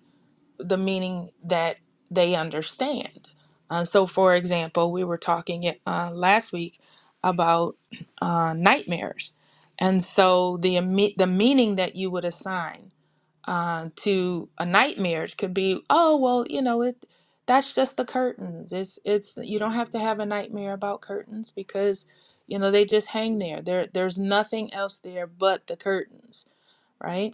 the meaning that they understand. Uh, so, for example, we were talking uh, last week about uh, nightmares. And so the, imme- the meaning that you would assign uh, to a nightmare it could be oh well you know it that's just the curtains it's it's you don't have to have a nightmare about curtains because you know they just hang there there there's nothing else there but the curtains right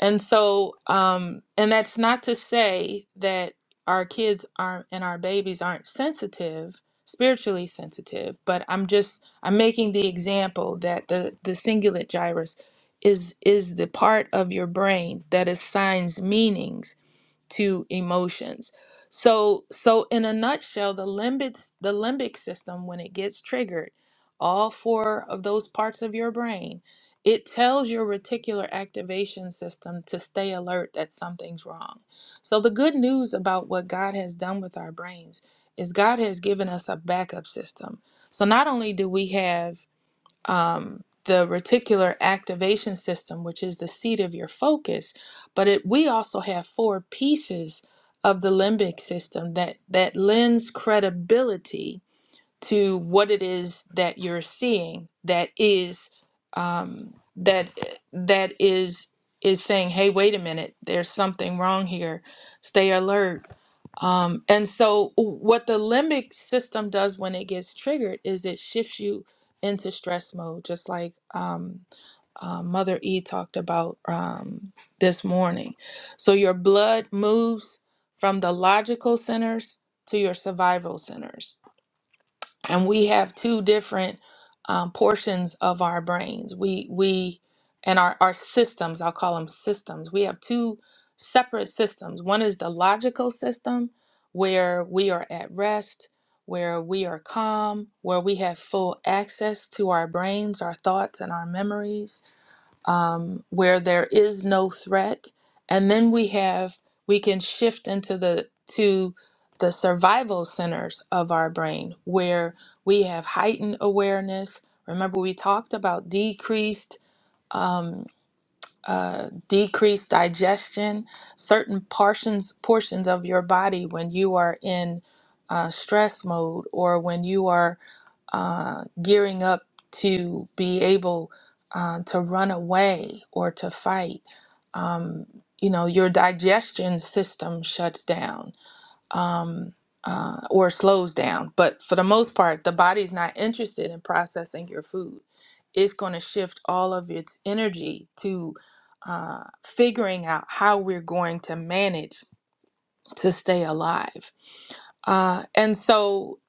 and so, um, and that's not to say that our kids aren't and our babies aren't sensitive, spiritually sensitive, but I'm just I'm making the example that the the cingulate gyrus is is the part of your brain that assigns meanings to emotions. So so in a nutshell, the limbic the limbic system when it gets triggered, all four of those parts of your brain it tells your reticular activation system to stay alert that something's wrong. So, the good news about what God has done with our brains is God has given us a backup system. So, not only do we have um, the reticular activation system, which is the seat of your focus, but it, we also have four pieces of the limbic system that, that lends credibility to what it is that you're seeing that is um, that that is is saying hey wait a minute there's something wrong here stay alert um, and so what the limbic system does when it gets triggered is it shifts you into stress mode just like um, uh, mother e talked about um, this morning so your blood moves from the logical centers to your survival centers and we have two different um, portions of our brains. We we and our our systems. I'll call them systems. We have two separate systems. One is the logical system, where we are at rest, where we are calm, where we have full access to our brains, our thoughts, and our memories um, where there is no threat and then we have we can shift into the to the survival centers of our brain where we have heightened awareness remember we talked about decreased um, uh, decreased digestion, certain portions portions of your body when you are in uh, stress mode or when you are uh, gearing up to be able uh, to run away or to fight. Um, you know, your digestion system shuts down um, uh, or slows down. But for the most part, the body is not interested in processing your food. It's going to shift all of its energy to uh, figuring out how we're going to manage to stay alive. Uh, and so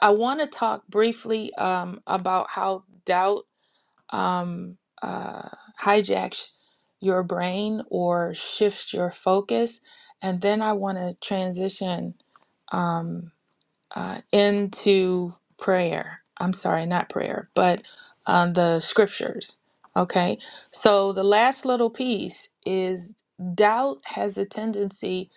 I want to talk briefly um, about how doubt um, uh, hijacks your brain or shifts your focus. And then I want to transition um, uh, into prayer. I'm sorry, not prayer, but um, the scriptures. Okay. So the last little piece is doubt has a tendency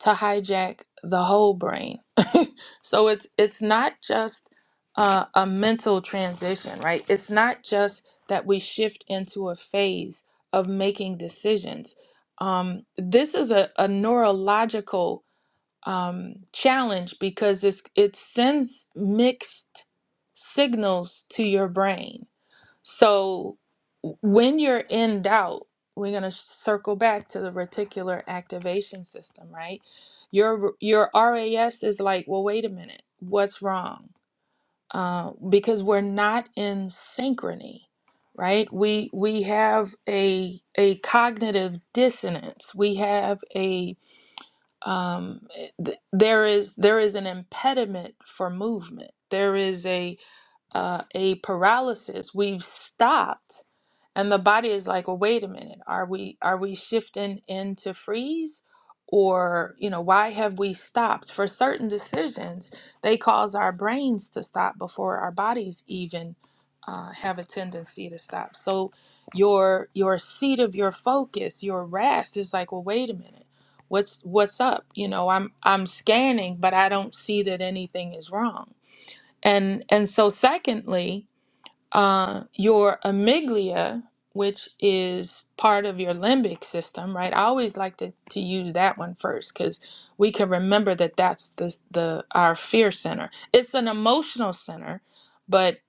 to hijack the whole brain. so it's it's not just uh, a mental transition, right? It's not just that we shift into a phase of making decisions. Um, this is a, a neurological um, challenge because it's it sends mixed signals to your brain. So w- when you're in doubt, we're gonna circle back to the reticular activation system, right? Your your RAS is like, well, wait a minute, what's wrong? Uh, because we're not in synchrony, right? We we have a a cognitive dissonance. We have a um, eh, th- there is there is an impediment for movement. There is a uh, a paralysis. We've stopped and the body is like well wait a minute are we are we shifting into freeze or you know why have we stopped for certain decisions they cause our brains to stop before our bodies even uh, have a tendency to stop so your your seat of your focus your rest is like well wait a minute what's what's up you know i'm i'm scanning but i don't see that anything is wrong and and so secondly uh, your amygdala, which is part of your limbic system, right? I always like to, to use that one first because we can remember that that's the, the our fear center. It's an emotional center, but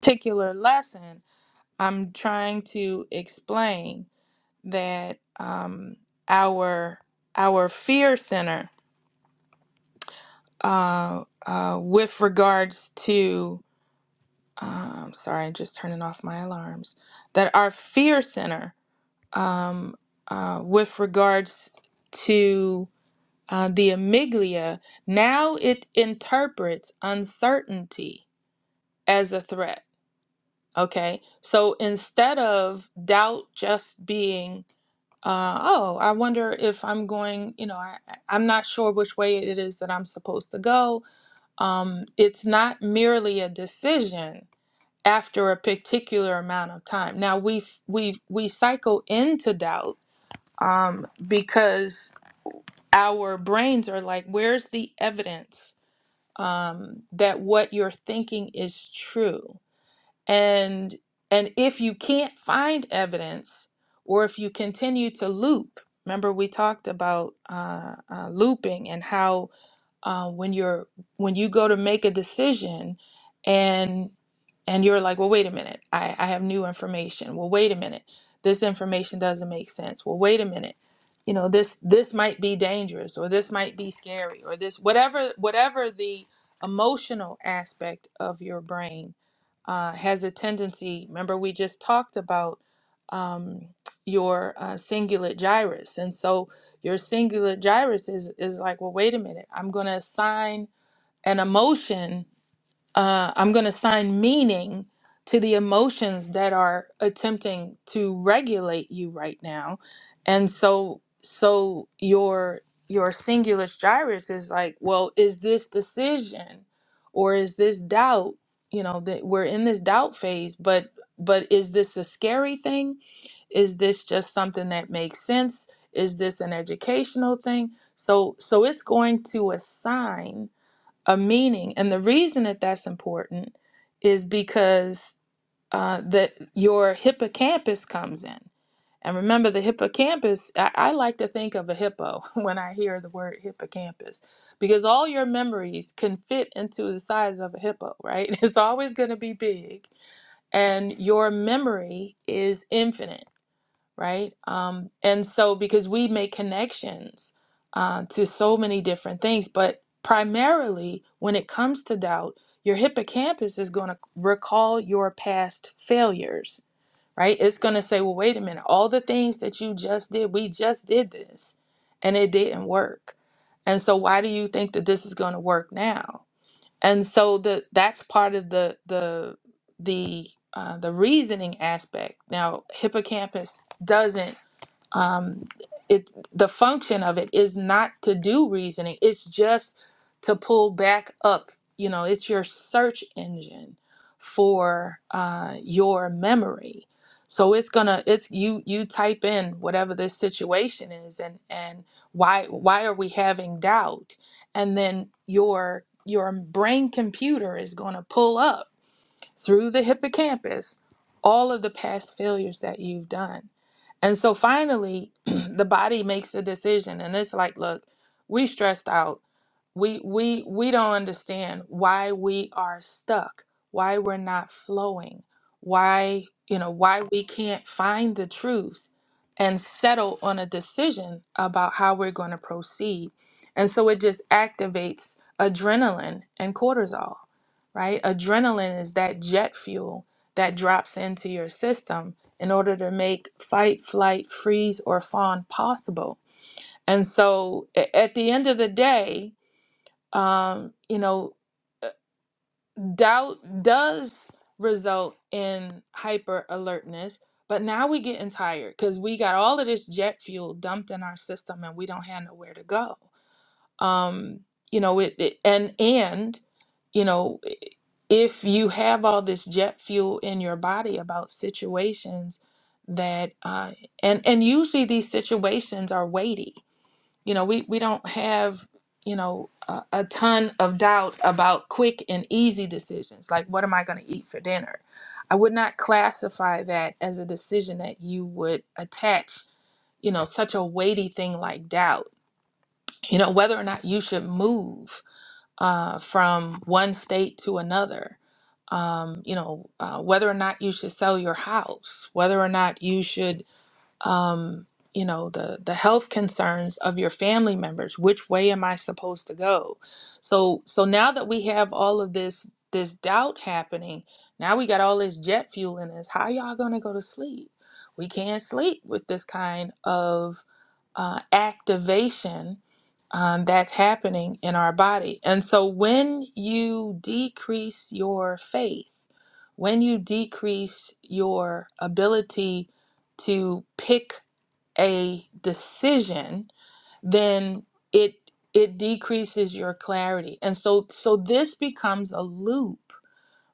particular lesson I'm trying to explain that um, our our fear center uh, uh, with regards to um, sorry, just turning off my alarms, that our fear center um, uh, with regards to uh, the amygdala, now it interprets uncertainty as a threat. Okay. So instead of doubt just being, uh, oh, I wonder if I'm going, you know, I, I- I'm not sure which way it is that I'm supposed to go. Um, it's not merely a decision after a particular amount of time. Now we we we cycle into doubt um, because our brains are like, where's the evidence um, that what you're thinking is true? And and if you can't find evidence, or if you continue to loop, remember we talked about uh, uh, looping and how uh, when you're when you go to make a decision and and you're like well wait a minute I, I have new information well wait a minute this information doesn't make sense well wait a minute you know this this might be dangerous or this might be scary or this whatever whatever the emotional aspect of your brain uh, has a tendency remember we just talked about um, your uh, cingulate gyrus and so your singular gyrus is is like, well, wait a minute. I'm going to assign an emotion uh, I'm going to assign meaning to the emotions that are attempting to regulate you right now, and so so your your singular gyrus is like, well, is this decision or is this doubt? You know that we're in this doubt phase, but but is this a scary thing? Is this just something that makes sense? Is this an educational thing? So so it's going to assign a meaning. And the reason that that's important is because uh, that your hippocampus comes in. And remember, the hippocampus, I, I like to think of a hippo when I hear the word hippocampus, because all your memories can fit into the size of a hippo, right? It's always going to be big, and your memory is infinite right? Um, and so, because we make connections uh, to so many different things, but primarily when it comes to doubt, your hippocampus is going to recall your past failures, right? It's going to say, well, wait a minute, all the things that you just did, we just did this and it didn't work. And so, why do you think that this is going to work now? And so the that's part of the the the uh, the reasoning aspect. Now, hippocampus doesn't um, it the function of it is not to do reasoning it's just to pull back up you know it's your search engine for uh, your memory so it's gonna it's you you type in whatever this situation is and and why why are we having doubt and then your your brain computer is going to pull up through the hippocampus all of the past failures that you've done. And so finally, the body makes a decision and it's like, look, we stressed out. We we we don't understand why we are stuck, why we're not flowing, why, you know, why we can't find the truth and settle on a decision about how we're going to proceed. And so it just activates adrenaline and cortisol right? Adrenaline is that jet fuel that drops into your system in order to make fight, flight, freeze, or fawn possible. And so a- at the end of the day, um, you know, uh, doubt does result in hyper alertness. But now we getting tired because we got all of this jet fuel dumped in our system and we don't have nowhere to go um you know it, it and and you know if you have all this jet fuel in your body about situations that uh and and usually these situations are weighty you know we we don't have you know a, a ton of doubt about quick and easy decisions like what am i going to eat for dinner i would not classify that as a decision that you would attach you know such a weighty thing like doubt you know whether or not you should move uh, from one state to another um, you know uh, whether or not you should sell your house whether or not you should um, you know the the health concerns of your family members which way am i supposed to go so so now that we have all of this this doubt happening now we got all this jet fuel in us how y'all gonna go to sleep we can't sleep with this kind of uh, activation um, that's happening in our body and so when you decrease your faith when you decrease your ability to pick a decision, then it it decreases your clarity. And so so this becomes a loop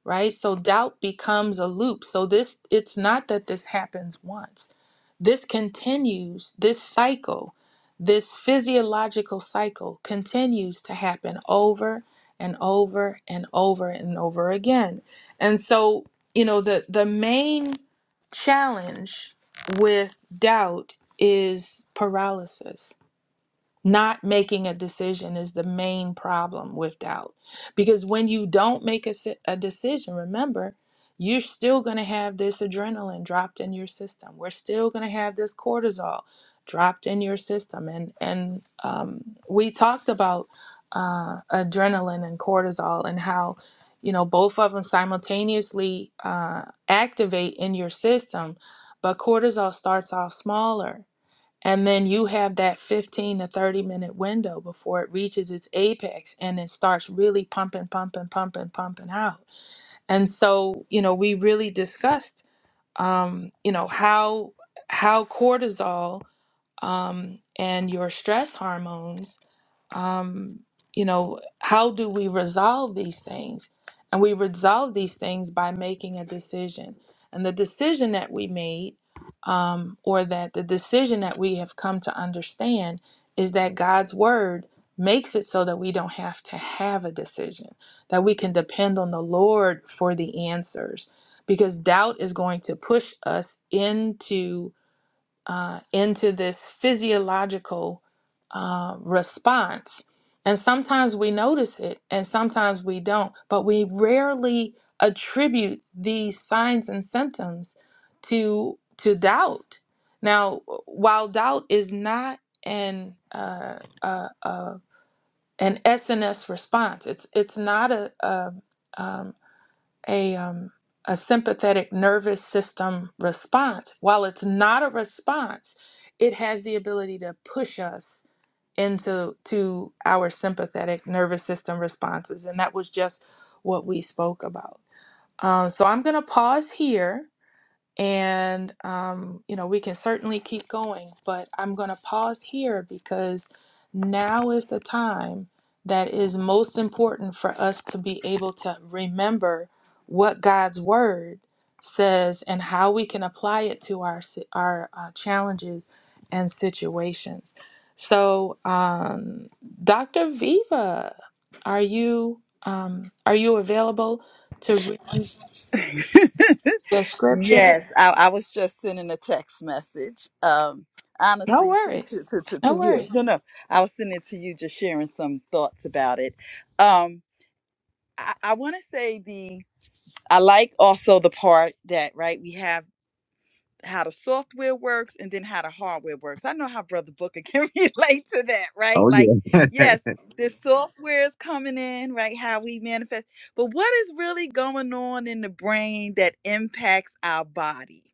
right? So doubt becomes a loop. So this it's not that this happens once. This continues, this cycle, this physiological cycle continues to happen over and over and over and over again. And so, you know, the the main challenge with doubt is paralysis not making a decision is the main problem with doubt. Because when you don't make a, si- a decision, remember, you're still going to have this adrenaline dropped in your system. We're still going to have this cortisol dropped in your system. And, and um, we talked about uh, adrenaline and cortisol and how, you know, both of them simultaneously uh, activate in your system, but cortisol starts off smaller and then you have that 15 to 30 minute window before it reaches its apex and it starts really pumping, pumping, pumping, pumping out. And so, you know, we really discussed, um, you know, how how cortisol um, and your stress hormones, um, you know, how do we resolve these things? And we resolve these things by making a decision. And the decision that we made, um, or that the decision that we have come to understand, is that God's word makes it so that we don't have to have a decision, that we can depend on the Lord for the answers. Because doubt is going to push us into uh, into this physiological uh, response. And sometimes we notice it and sometimes we don't, but we rarely attribute these signs and symptoms to, to doubt. Now, while doubt is not an, uh, uh, uh, an SNS response, it's, it's not a, a um, a um, a sympathetic nervous system response. While it's not a response, it has the ability to push us into to our sympathetic nervous system responses, and that was just what we spoke about. Um, so I'm gonna pause here and, um, you know, we can certainly keep going, but I'm going to pause here because now is the time that is most important for us to be able to remember what God's word says and how we can apply it to our, si- our uh, challenges and situations. So, um, Dr. Viva, are you um, are you available to read the scripture? yes, I, I was just sending a text message. Um, No honestly, to, worries. to to to to No you. worries. No, no, I was sending it to you, just sharing some thoughts about it. Um, I, I want to say the. I like also the part that right we have. how the software works and then how the hardware works. I know how Brother Booker can relate to that, right? Oh, Like, yeah. yes, the software is coming in, right? How we manifest, but what is really going on in the brain that impacts our body?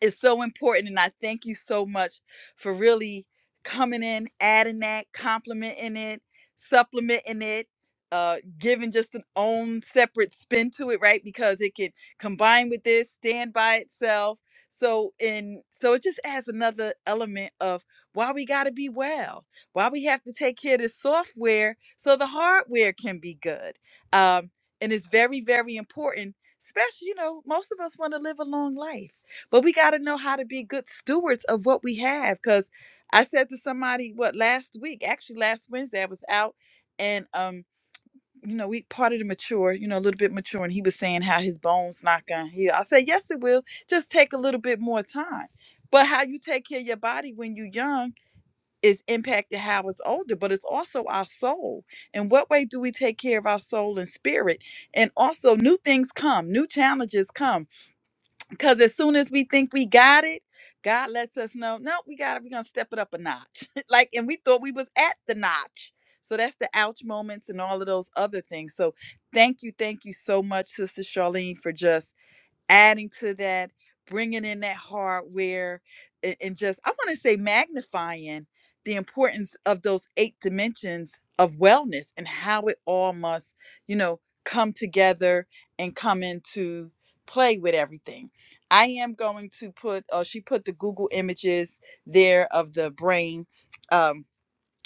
It's so important and i thank you so much for really coming in adding that complimenting it supplementing it uh giving just an own separate spin to it right because it can combine with this stand by itself so and so it just adds another element of why we got to be well why we have to take care of the software so the hardware can be good um and it's very very important especially you know most of us want to live a long life but we got to know how to be good stewards of what we have because i said to somebody what last week actually last wednesday i was out and um you know we part of the mature you know a little bit mature and he was saying how his bones not gonna heal i said yes it will just take a little bit more time but how you take care of your body when you're young is impacted how it's older but it's also our soul and what way do we take care of our soul and spirit and also new things come new challenges come because as soon as we think we got it, God lets us know, no, we got it. We're going to step it up a notch. like, and we thought we was at the notch. So that's the ouch moments and all of those other things. So thank you. Thank you so much, Sister Charlene, for just adding to that, bringing in that hardware, a- and just, I want to say, magnifying the importance of those eight dimensions of wellness and how it all must, you know, come together and come into play with everything. I am going to put, oh, she put the Google images there of the brain. Um,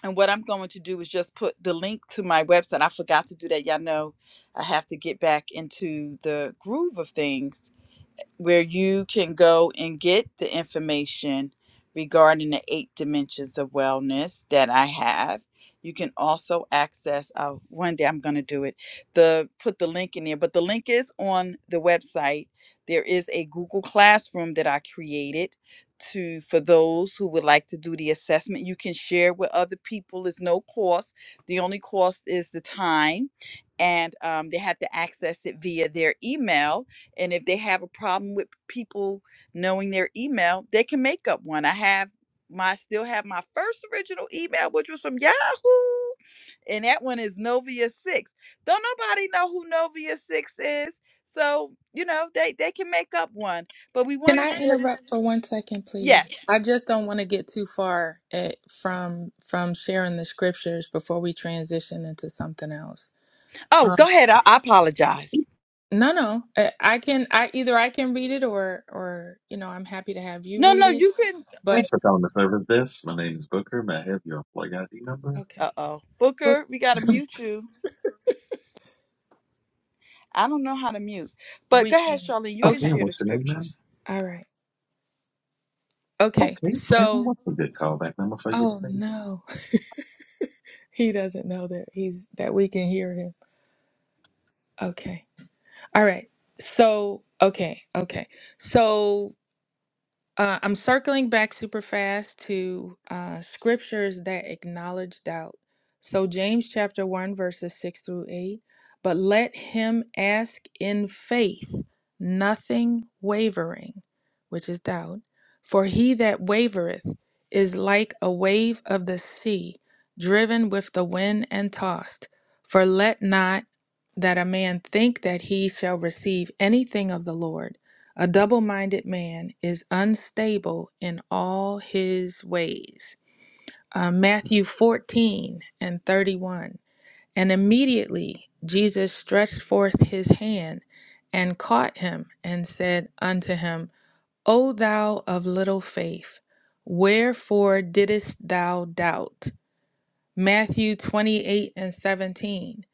and what I'm going to do is just put the link to my website. I forgot to do that. Y'all know I have to get back into the groove of things where you can go and get the information regarding the eight dimensions of wellness that I have. You can also access. Uh, one day I'm going to do it. The put the link in there, but the link is on the website. There is a Google Classroom that I created to for those who would like to do the assessment. You can share with other people. It's no cost. The only cost is the time, and um, they have to access it via their email and if they have a problem with people knowing their email, they can make up one. I have my still have my first original email, which was from Yahoo. And that one is Novia Six. Don't nobody know who Novia Six is. So, you know, they, they can make up one. But we Can want to I share this. interrupt for one second, please? Yes. I just don't want to get too far at, from from sharing the scriptures before we transition into something else. Oh, Uh, go ahead. I, I apologize. no, no. I, I can. I either I can read it or or you know I'm happy to have you No, read no, it. you can But Thanks for calling the service desk. My name is Booker. May I have your plug ID number? okay, uh oh. but Booker, we gotta mute you. I don't know how to mute. But we go ahead, can. Charlene. You Okay, can Okay. and share the what's your name, scriptures. man? All right. Okay. Okay, and So. what's a good callback number for you Oh today? no, he doesn't know that he's that we can hear him. Okay. All right. So, okay, okay. So, uh, I'm circling back super fast to uh, scriptures that acknowledge doubt. So, James chapter 1, verses 6 through 8. But let him ask in faith, nothing wavering, which is doubt. For he that wavereth is like a wave of the sea, driven with the wind and tossed. For let not that a man think that he shall receive anything of the Lord. A double minded man is unstable in all his ways. Uh, Matthew 14 and 31. And immediately Jesus stretched forth his hand and caught him and said unto him, O thou of little faith, wherefore didst thou doubt? Matthew 28 and 17.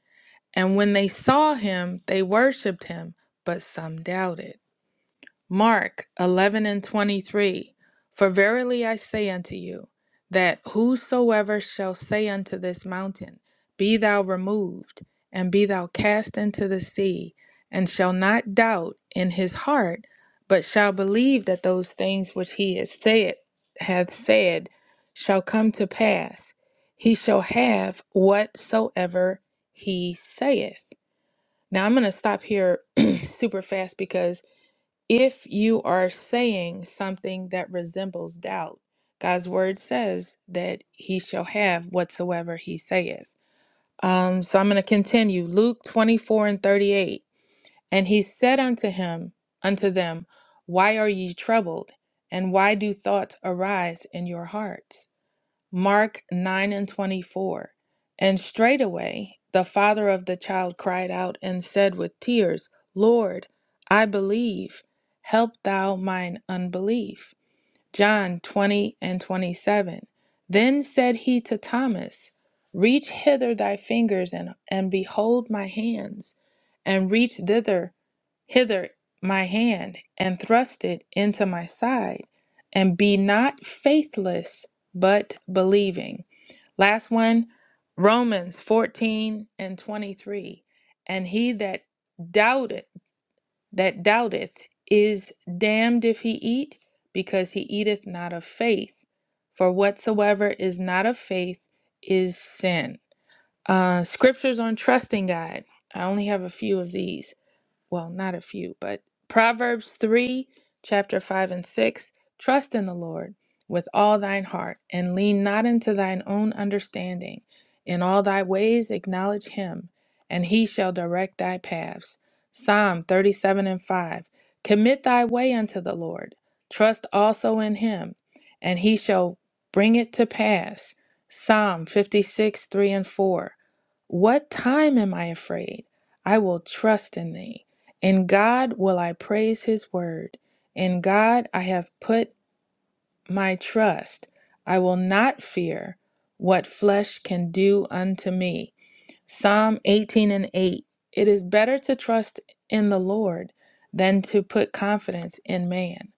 And when they saw him, they worshipped him, but some doubted. Mark 11 and 23 For verily I say unto you, that whosoever shall say unto this mountain, Be thou removed, and be thou cast into the sea, and shall not doubt in his heart, but shall believe that those things which he has said, hath said shall come to pass, he shall have whatsoever he saith. Now I'm going to stop here super fast because if you are saying something that resembles doubt, God's word says that he shall have whatsoever he saith. Um, so I'm going to continue. Luke 24 and 38. And he said unto him, unto them, Why are ye troubled? And why do thoughts arise in your hearts? Mark 9 and 24. And straightway the father of the child cried out and said with tears, Lord, I believe, help thou mine unbelief. John 20 and 27. Then said he to Thomas, Reach hither thy fingers and, and behold my hands, and reach thither, hither my hand, and thrust it into my side, and be not faithless, but believing. Last one, Romans 14 and 23. And he that doubteth that doubteth is damned if he eat, because he eateth not of faith. For whatsoever is not of faith is sin. Uh, scriptures on trusting God. I only have a few of these well, not a few, but Proverbs 3, chapter 5 and 6 Trust in the Lord with all thine heart, and lean not into thine own understanding. In all thy ways acknowledge him, and he shall direct thy paths. Psalm 37 and 5 Commit thy way unto the Lord, trust also in him, and he shall bring it to pass. Psalm 56, 3 and 4 what time am I afraid? I will trust in thee. In God will I praise his word. In God I have put my trust. I will not fear what flesh can do unto me. Psalm 18 and 8 It is better to trust in the Lord than to put confidence in man.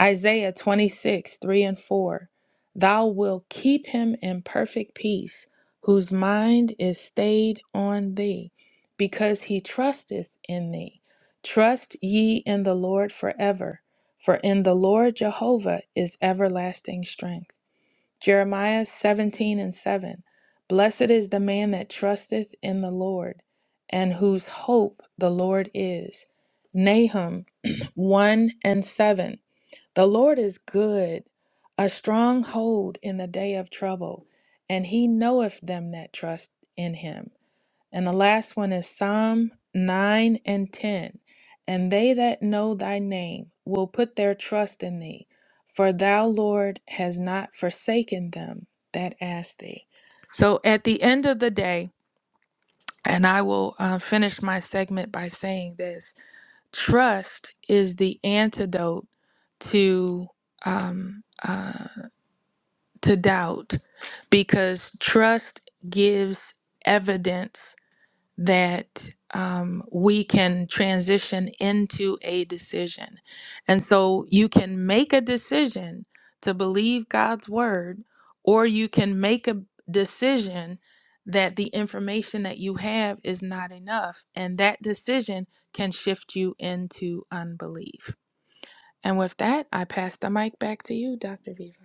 Isaiah 26, 3 and 4 Thou wilt keep him in perfect peace, whose mind is stayed on thee, because he trusteth in thee. Trust ye in the Lord forever, for in the Lord Jehovah is everlasting strength. Jeremiah 17 and 7. Blessed is the man that trusteth in the Lord, and whose hope the Lord is. Nahum 1 and 7. The Lord is good, a strong hold in the day of trouble, and he knoweth them that trust in him. And the last one is Psalm 9 and 10. And they that know thy name will put their trust in thee, for thou, Lord, has not forsaken them that ask thee. So at the end of the day, and I will uh, finish my segment by saying this trust is the antidote to. Um, uh, to doubt because trust gives evidence that um, we can transition into a decision. And so you can make a decision to believe God's word, or you can make a decision that the information that you have is not enough. And that decision can shift you into unbelief. And with that, I pass the mic back to you, Dr. Viva.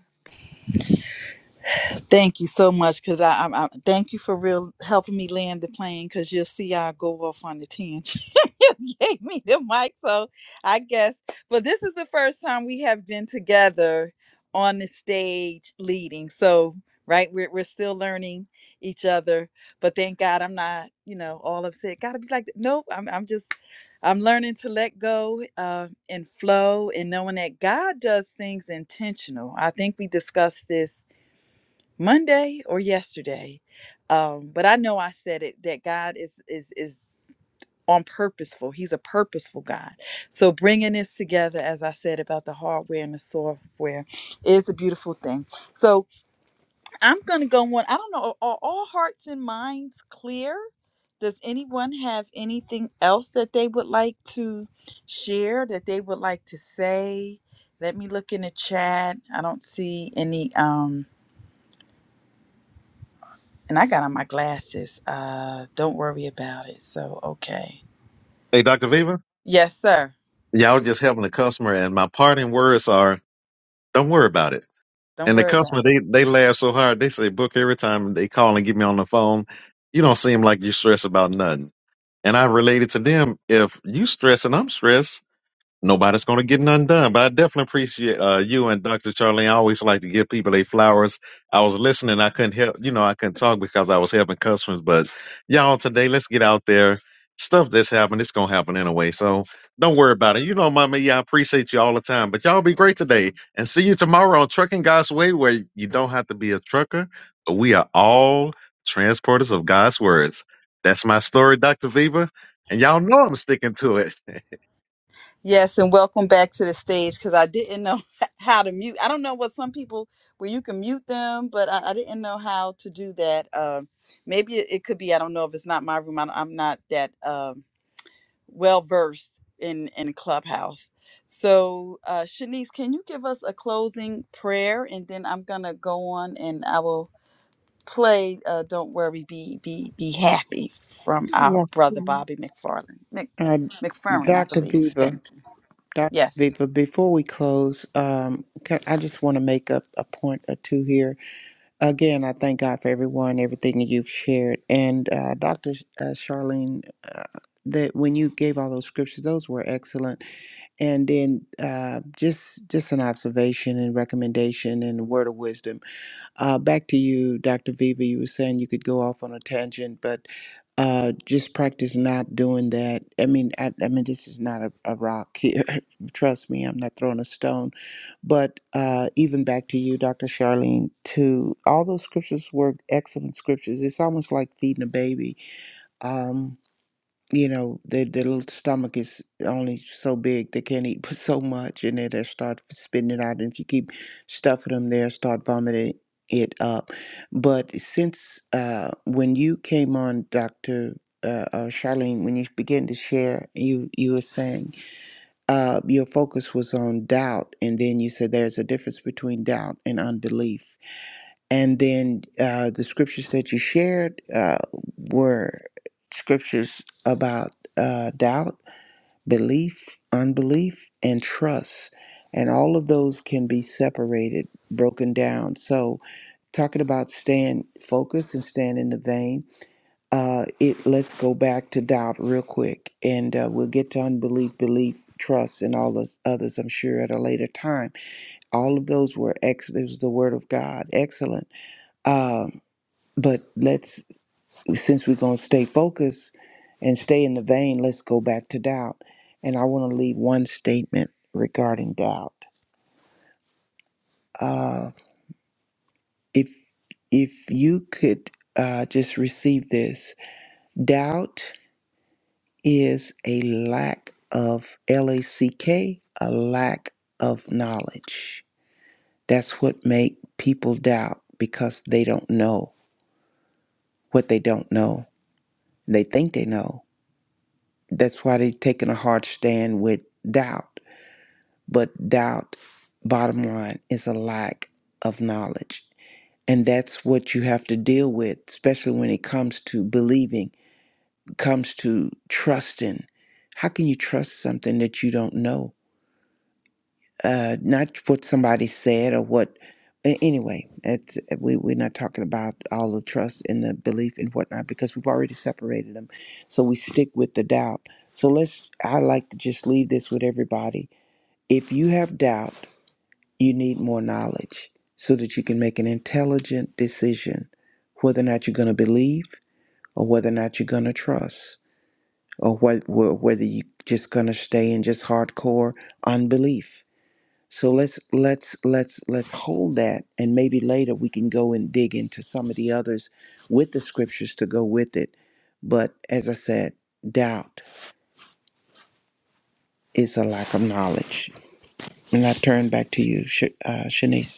Thank you so much, cause I, I, I thank you for real helping me land the plane, cause you'll see I go off on the tangent. you gave me the mic, so I guess. But this is the first time we have been together on the stage leading. So right, we're we're still learning each other. But thank God I'm not, you know, all upset. Gotta be like, that. nope. I'm I'm just I'm learning to let go uh, and flow, and knowing that God does things intentional. I think we discussed this Monday or yesterday. Um, but I know I said it that God is is is on purposeful. He's a purposeful God. So bringing this together, as I said about the hardware and the software, is a beautiful thing. So I'm gonna go on. I don't know. Are all hearts and minds clear? Does anyone have anything else that they would like to share? That they would like to say? Let me look in the chat. I don't see any. Um, And I got on my glasses. Uh, don't worry about it. So, okay. Hey, Dr. Viva? Yes, sir. Y'all just helping the customer, and my parting words are, don't worry about it. Don't And the worry about customer, it. they, they laugh so hard. They say, Book, every time they call and get me on the phone, you don't seem like you stress about nothing. And I related to them, if you stress and I'm stressed, nobody's going to get none done. But I definitely appreciate uh, you and Dr. Charlene. I always like to give people their flowers. I was listening. I couldn't help, you know, I couldn't talk because I was helping customers. But y'all, today, let's get out there. Stuff that's happened, it's going to happen anyway. So don't worry about it. You know, Mama, yeah, I appreciate you all the time. But y'all be great today. And see you tomorrow on Trucking God's Way, where you don't have to be a trucker, but we are all transporters of God's words. That's my story, Dr. Viva. And y'all know I'm sticking to it. Yes, and welcome back to the stage because I didn't know how to mute. I don't know what some people where you can mute them, but I, I didn't know how to do that. Um, maybe it, it could be. I don't know if it's not my room. I, am not that um, well versed in in Clubhouse. So, uh, Shanice, can you give us a closing prayer, and then I'm gonna go on and I will play uh, "Don't Worry, Be Be Be Happy" from our Yes. brother Lord. Bobby McFarlane. Mc, Uh, McFerrin, I Dr. believe. Viva, Thank you. Dr. Yes, Viva, before we close, um, ca- I just want to make up a point or two here. Again, I thank God for everyone, everything that you've shared. And uh, Dr. Sh- Uh, Charlene, uh, that when you gave all those scriptures, those were excellent. And then uh, just just an observation and recommendation and a word of wisdom. Uh, back to you, Dr. Viva, you were saying you could go off on a tangent, but uh, just practice not doing that. I mean, I, I mean, this is not a, a rock here. Trust me, I'm not throwing a stone. But uh, even back to you, Dr. Charlene, to all those scriptures were excellent scriptures. It's almost like feeding a baby. Um, you know, their, their little stomach is only so big. They can't eat but so much, and then they start spitting it out. And if you keep stuffing them there, start vomiting it up. But since uh, when you came on, Doctor uh, uh, Charlene, when you began to share, you you were saying uh, your focus was on doubt, and then you said there's a difference between doubt and unbelief. And then uh, the scriptures that you shared uh, were scriptures about uh, doubt, belief, unbelief, and trust. And all of those can be separated, broken down. So, talking about staying focused and staying in the vein, uh, it let's go back to doubt real quick, and uh, we'll get to unbelief, belief, trust, and all those others. I'm sure at a later time. All of those were ex. It was the word of God, excellent. Um, but let's, since we're going to stay focused and stay in the vein, let's go back to doubt. And I want to leave one statement regarding doubt. Uh, if if you could uh, just receive this, doubt is a lack of L A C K, a lack of knowledge. That's what make people doubt because they don't know what they don't know. They think they know, That's why they've taken a hard stand with doubt. But doubt, bottom line, is a lack of knowledge. And that's what you have to deal with, especially when it comes to believing, comes to trusting. How can you trust something that you don't know? uh, not what somebody said or what. a- Anyway, it's, uh, we we're not talking about all the trust and the belief and whatnot because we've already separated them, so we stick with the doubt. So let's. I like to just leave this with everybody. If you have doubt, you need more knowledge so that you can make an intelligent decision whether or not you're going to believe or whether or not you're going to trust or wh- wh- whether you're just going to stay in just hardcore unbelief so let's let's let's let's hold that and maybe later we can go and dig into some of the others with the scriptures to go with it. But as I said, doubt is a lack of knowledge. And I turn back to you, Sh- uh, Shanice.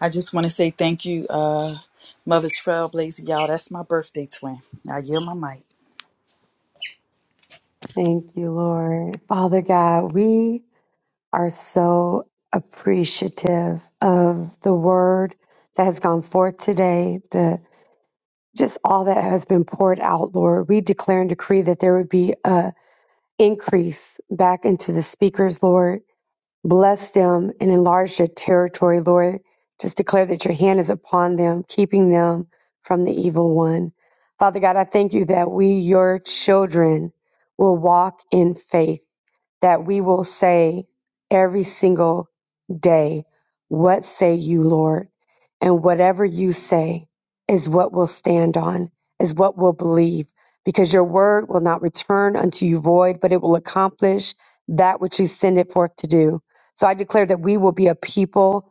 I just want to say thank you, uh, Mother Trailblazer, y'all. That's my birthday twin. I yield my mic. Thank you, Lord. Father God, we are so appreciative of the word that has gone forth today, the just all that has been poured out, Lord. We declare and decree that there would be a, increase back into the speakers, Lord. Bless them and enlarge their territory, Lord. Just declare that your hand is upon them, keeping them from the evil one. Father God, I thank you that we, your children, will walk in faith that we will say every single day, What say you, Lord? And whatever you say is what we'll stand on, is what we'll believe, because your word will not return unto you void, but it will accomplish that which you send it forth to do. So I declare that we will be a people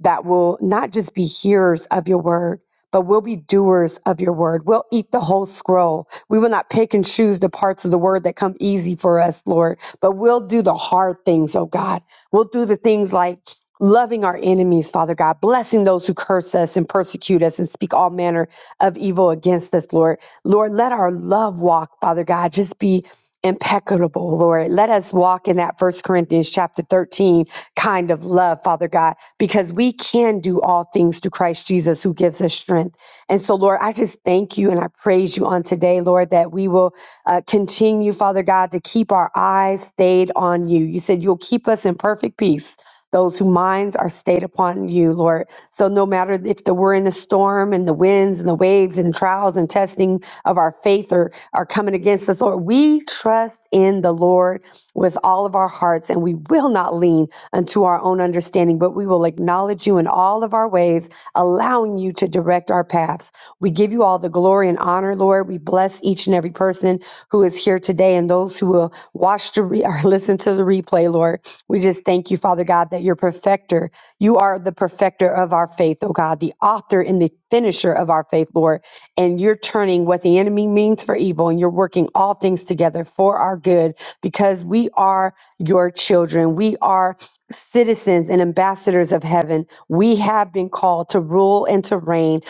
that will not just be hearers of your word, but we'll be doers of your word. We'll eat the whole scroll. We will not pick and choose the parts of the word that come easy for us, Lord, but we'll do the hard things, oh God. We'll do the things like loving our enemies, Father God, blessing those who curse us and persecute us and speak all manner of evil against us, Lord. Lord, let our love walk, Father God, just be impeccable, Lord. Let us walk in that First Corinthians chapter 13 kind of love, Father God, because we can do all things through Christ Jesus who gives us strength. And so, Lord, I just thank you and I praise you on today, Lord, that we will uh, continue, Father God, to keep our eyes stayed on you. You said you'll keep us in perfect peace. Those whose minds are stayed upon you, Lord. So no matter if the, we're in the storm and the winds and the waves and trials and testing of our faith are, are coming against us, Lord, we trust in the Lord with all of our hearts and we will not lean unto our own understanding, but we will acknowledge you in all of our ways, allowing you to direct our paths. We give you all the glory and honor, Lord. We bless each and every person who is here here today and those who will watch the re- or listen to the replay, Lord. We just thank you, Father God, that you're perfecter. You are the perfecter of our faith, oh God, the author and the finisher of our faith, Lord. And you're turning what the enemy means for evil and you're working all things together for our good because we are your children. We are citizens and ambassadors of heaven. We have been called to rule and to reign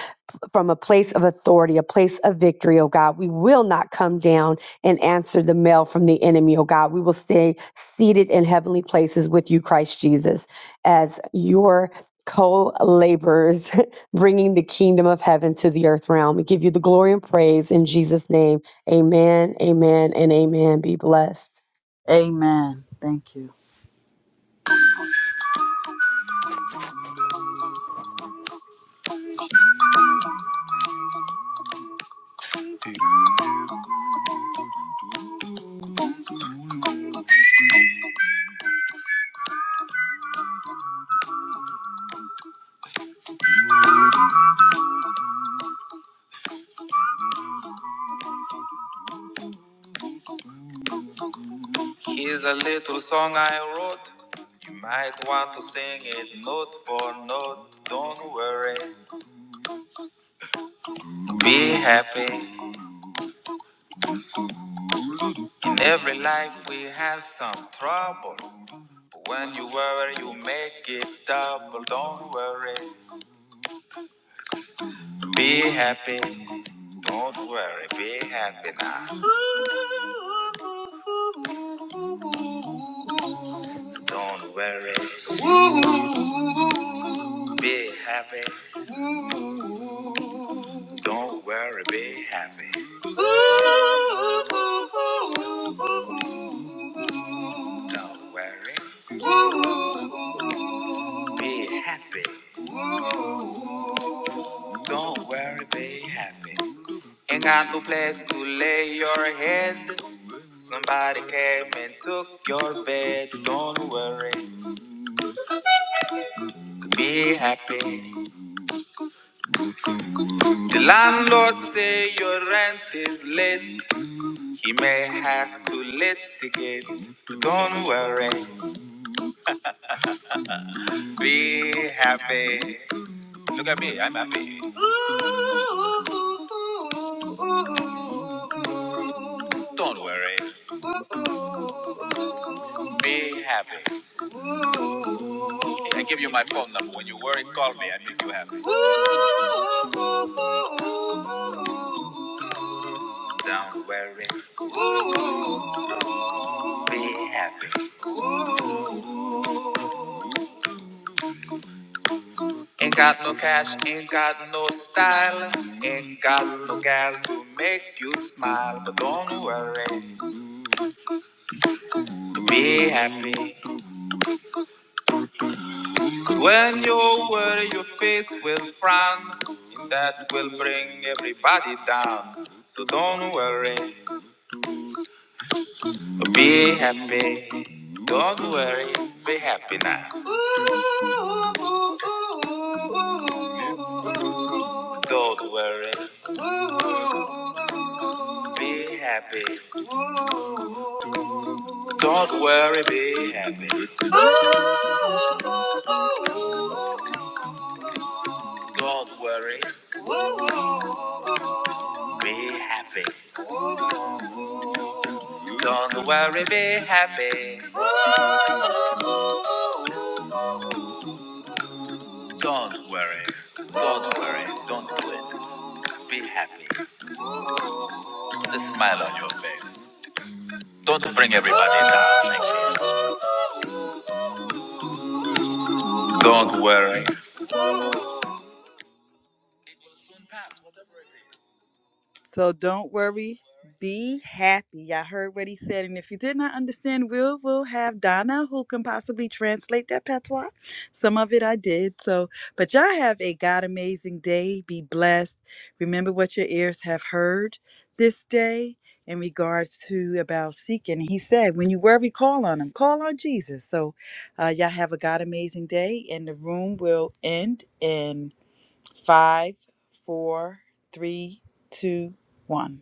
from a place of authority, a place of victory, oh God. We will not come down and answer the mail from the enemy, oh God. We will stay seated in heavenly places with you, Christ Jesus, as your co laborers, bringing the kingdom of heaven to the earth realm. We give you the glory and praise in Jesus' name. Amen, amen, and amen. Be blessed. Amen. Thank you. Here's a little song I wrote. You might want to sing it note for note. Don't worry, be happy. In every life, we have some trouble. But when you worry, you make it double. Don't worry. Be happy. Don't worry. Be happy now. Don't worry. Be happy. Don't worry. Be happy. Don't worry. Be happy. Don't worry, be happy. Ain't got no place to lay your head. Somebody came and took your bed. Don't worry, be happy. The landlord say your rent is late. He may have to litigate. Don't worry, be happy. Look at me, I'm happy. Don't worry, be happy. I give you my phone number. When you worry, call me. I make you happy. Don't worry, be happy. Ain't got no cash, ain't got no style, ain't got no gal to make you smile. But don't worry, be happy. 'Cause when you worry, your face will frown, and that will bring everybody down. So don't worry, be happy. Don't worry, be happy now. Don't worry, be happy. Don't worry, be happy. Don't worry, Be happy. Don't worry, be happy. Don't worry. Don't worry. Don't quit. Be happy. Put a smile on your face. Don't bring everybody down like this. Don't worry. So don't worry, be happy. I heard what he said. And if you did not understand, we'll we'll have Donna who can possibly translate that patois. Some of it I did. So but y'all have a God amazing day. Be blessed. Remember what your ears have heard this day in regards to about seeking. He said, when you worry, call on him. Call on Jesus. So uh, y'all have a God amazing day and the room will end in Five, four, three, two, one.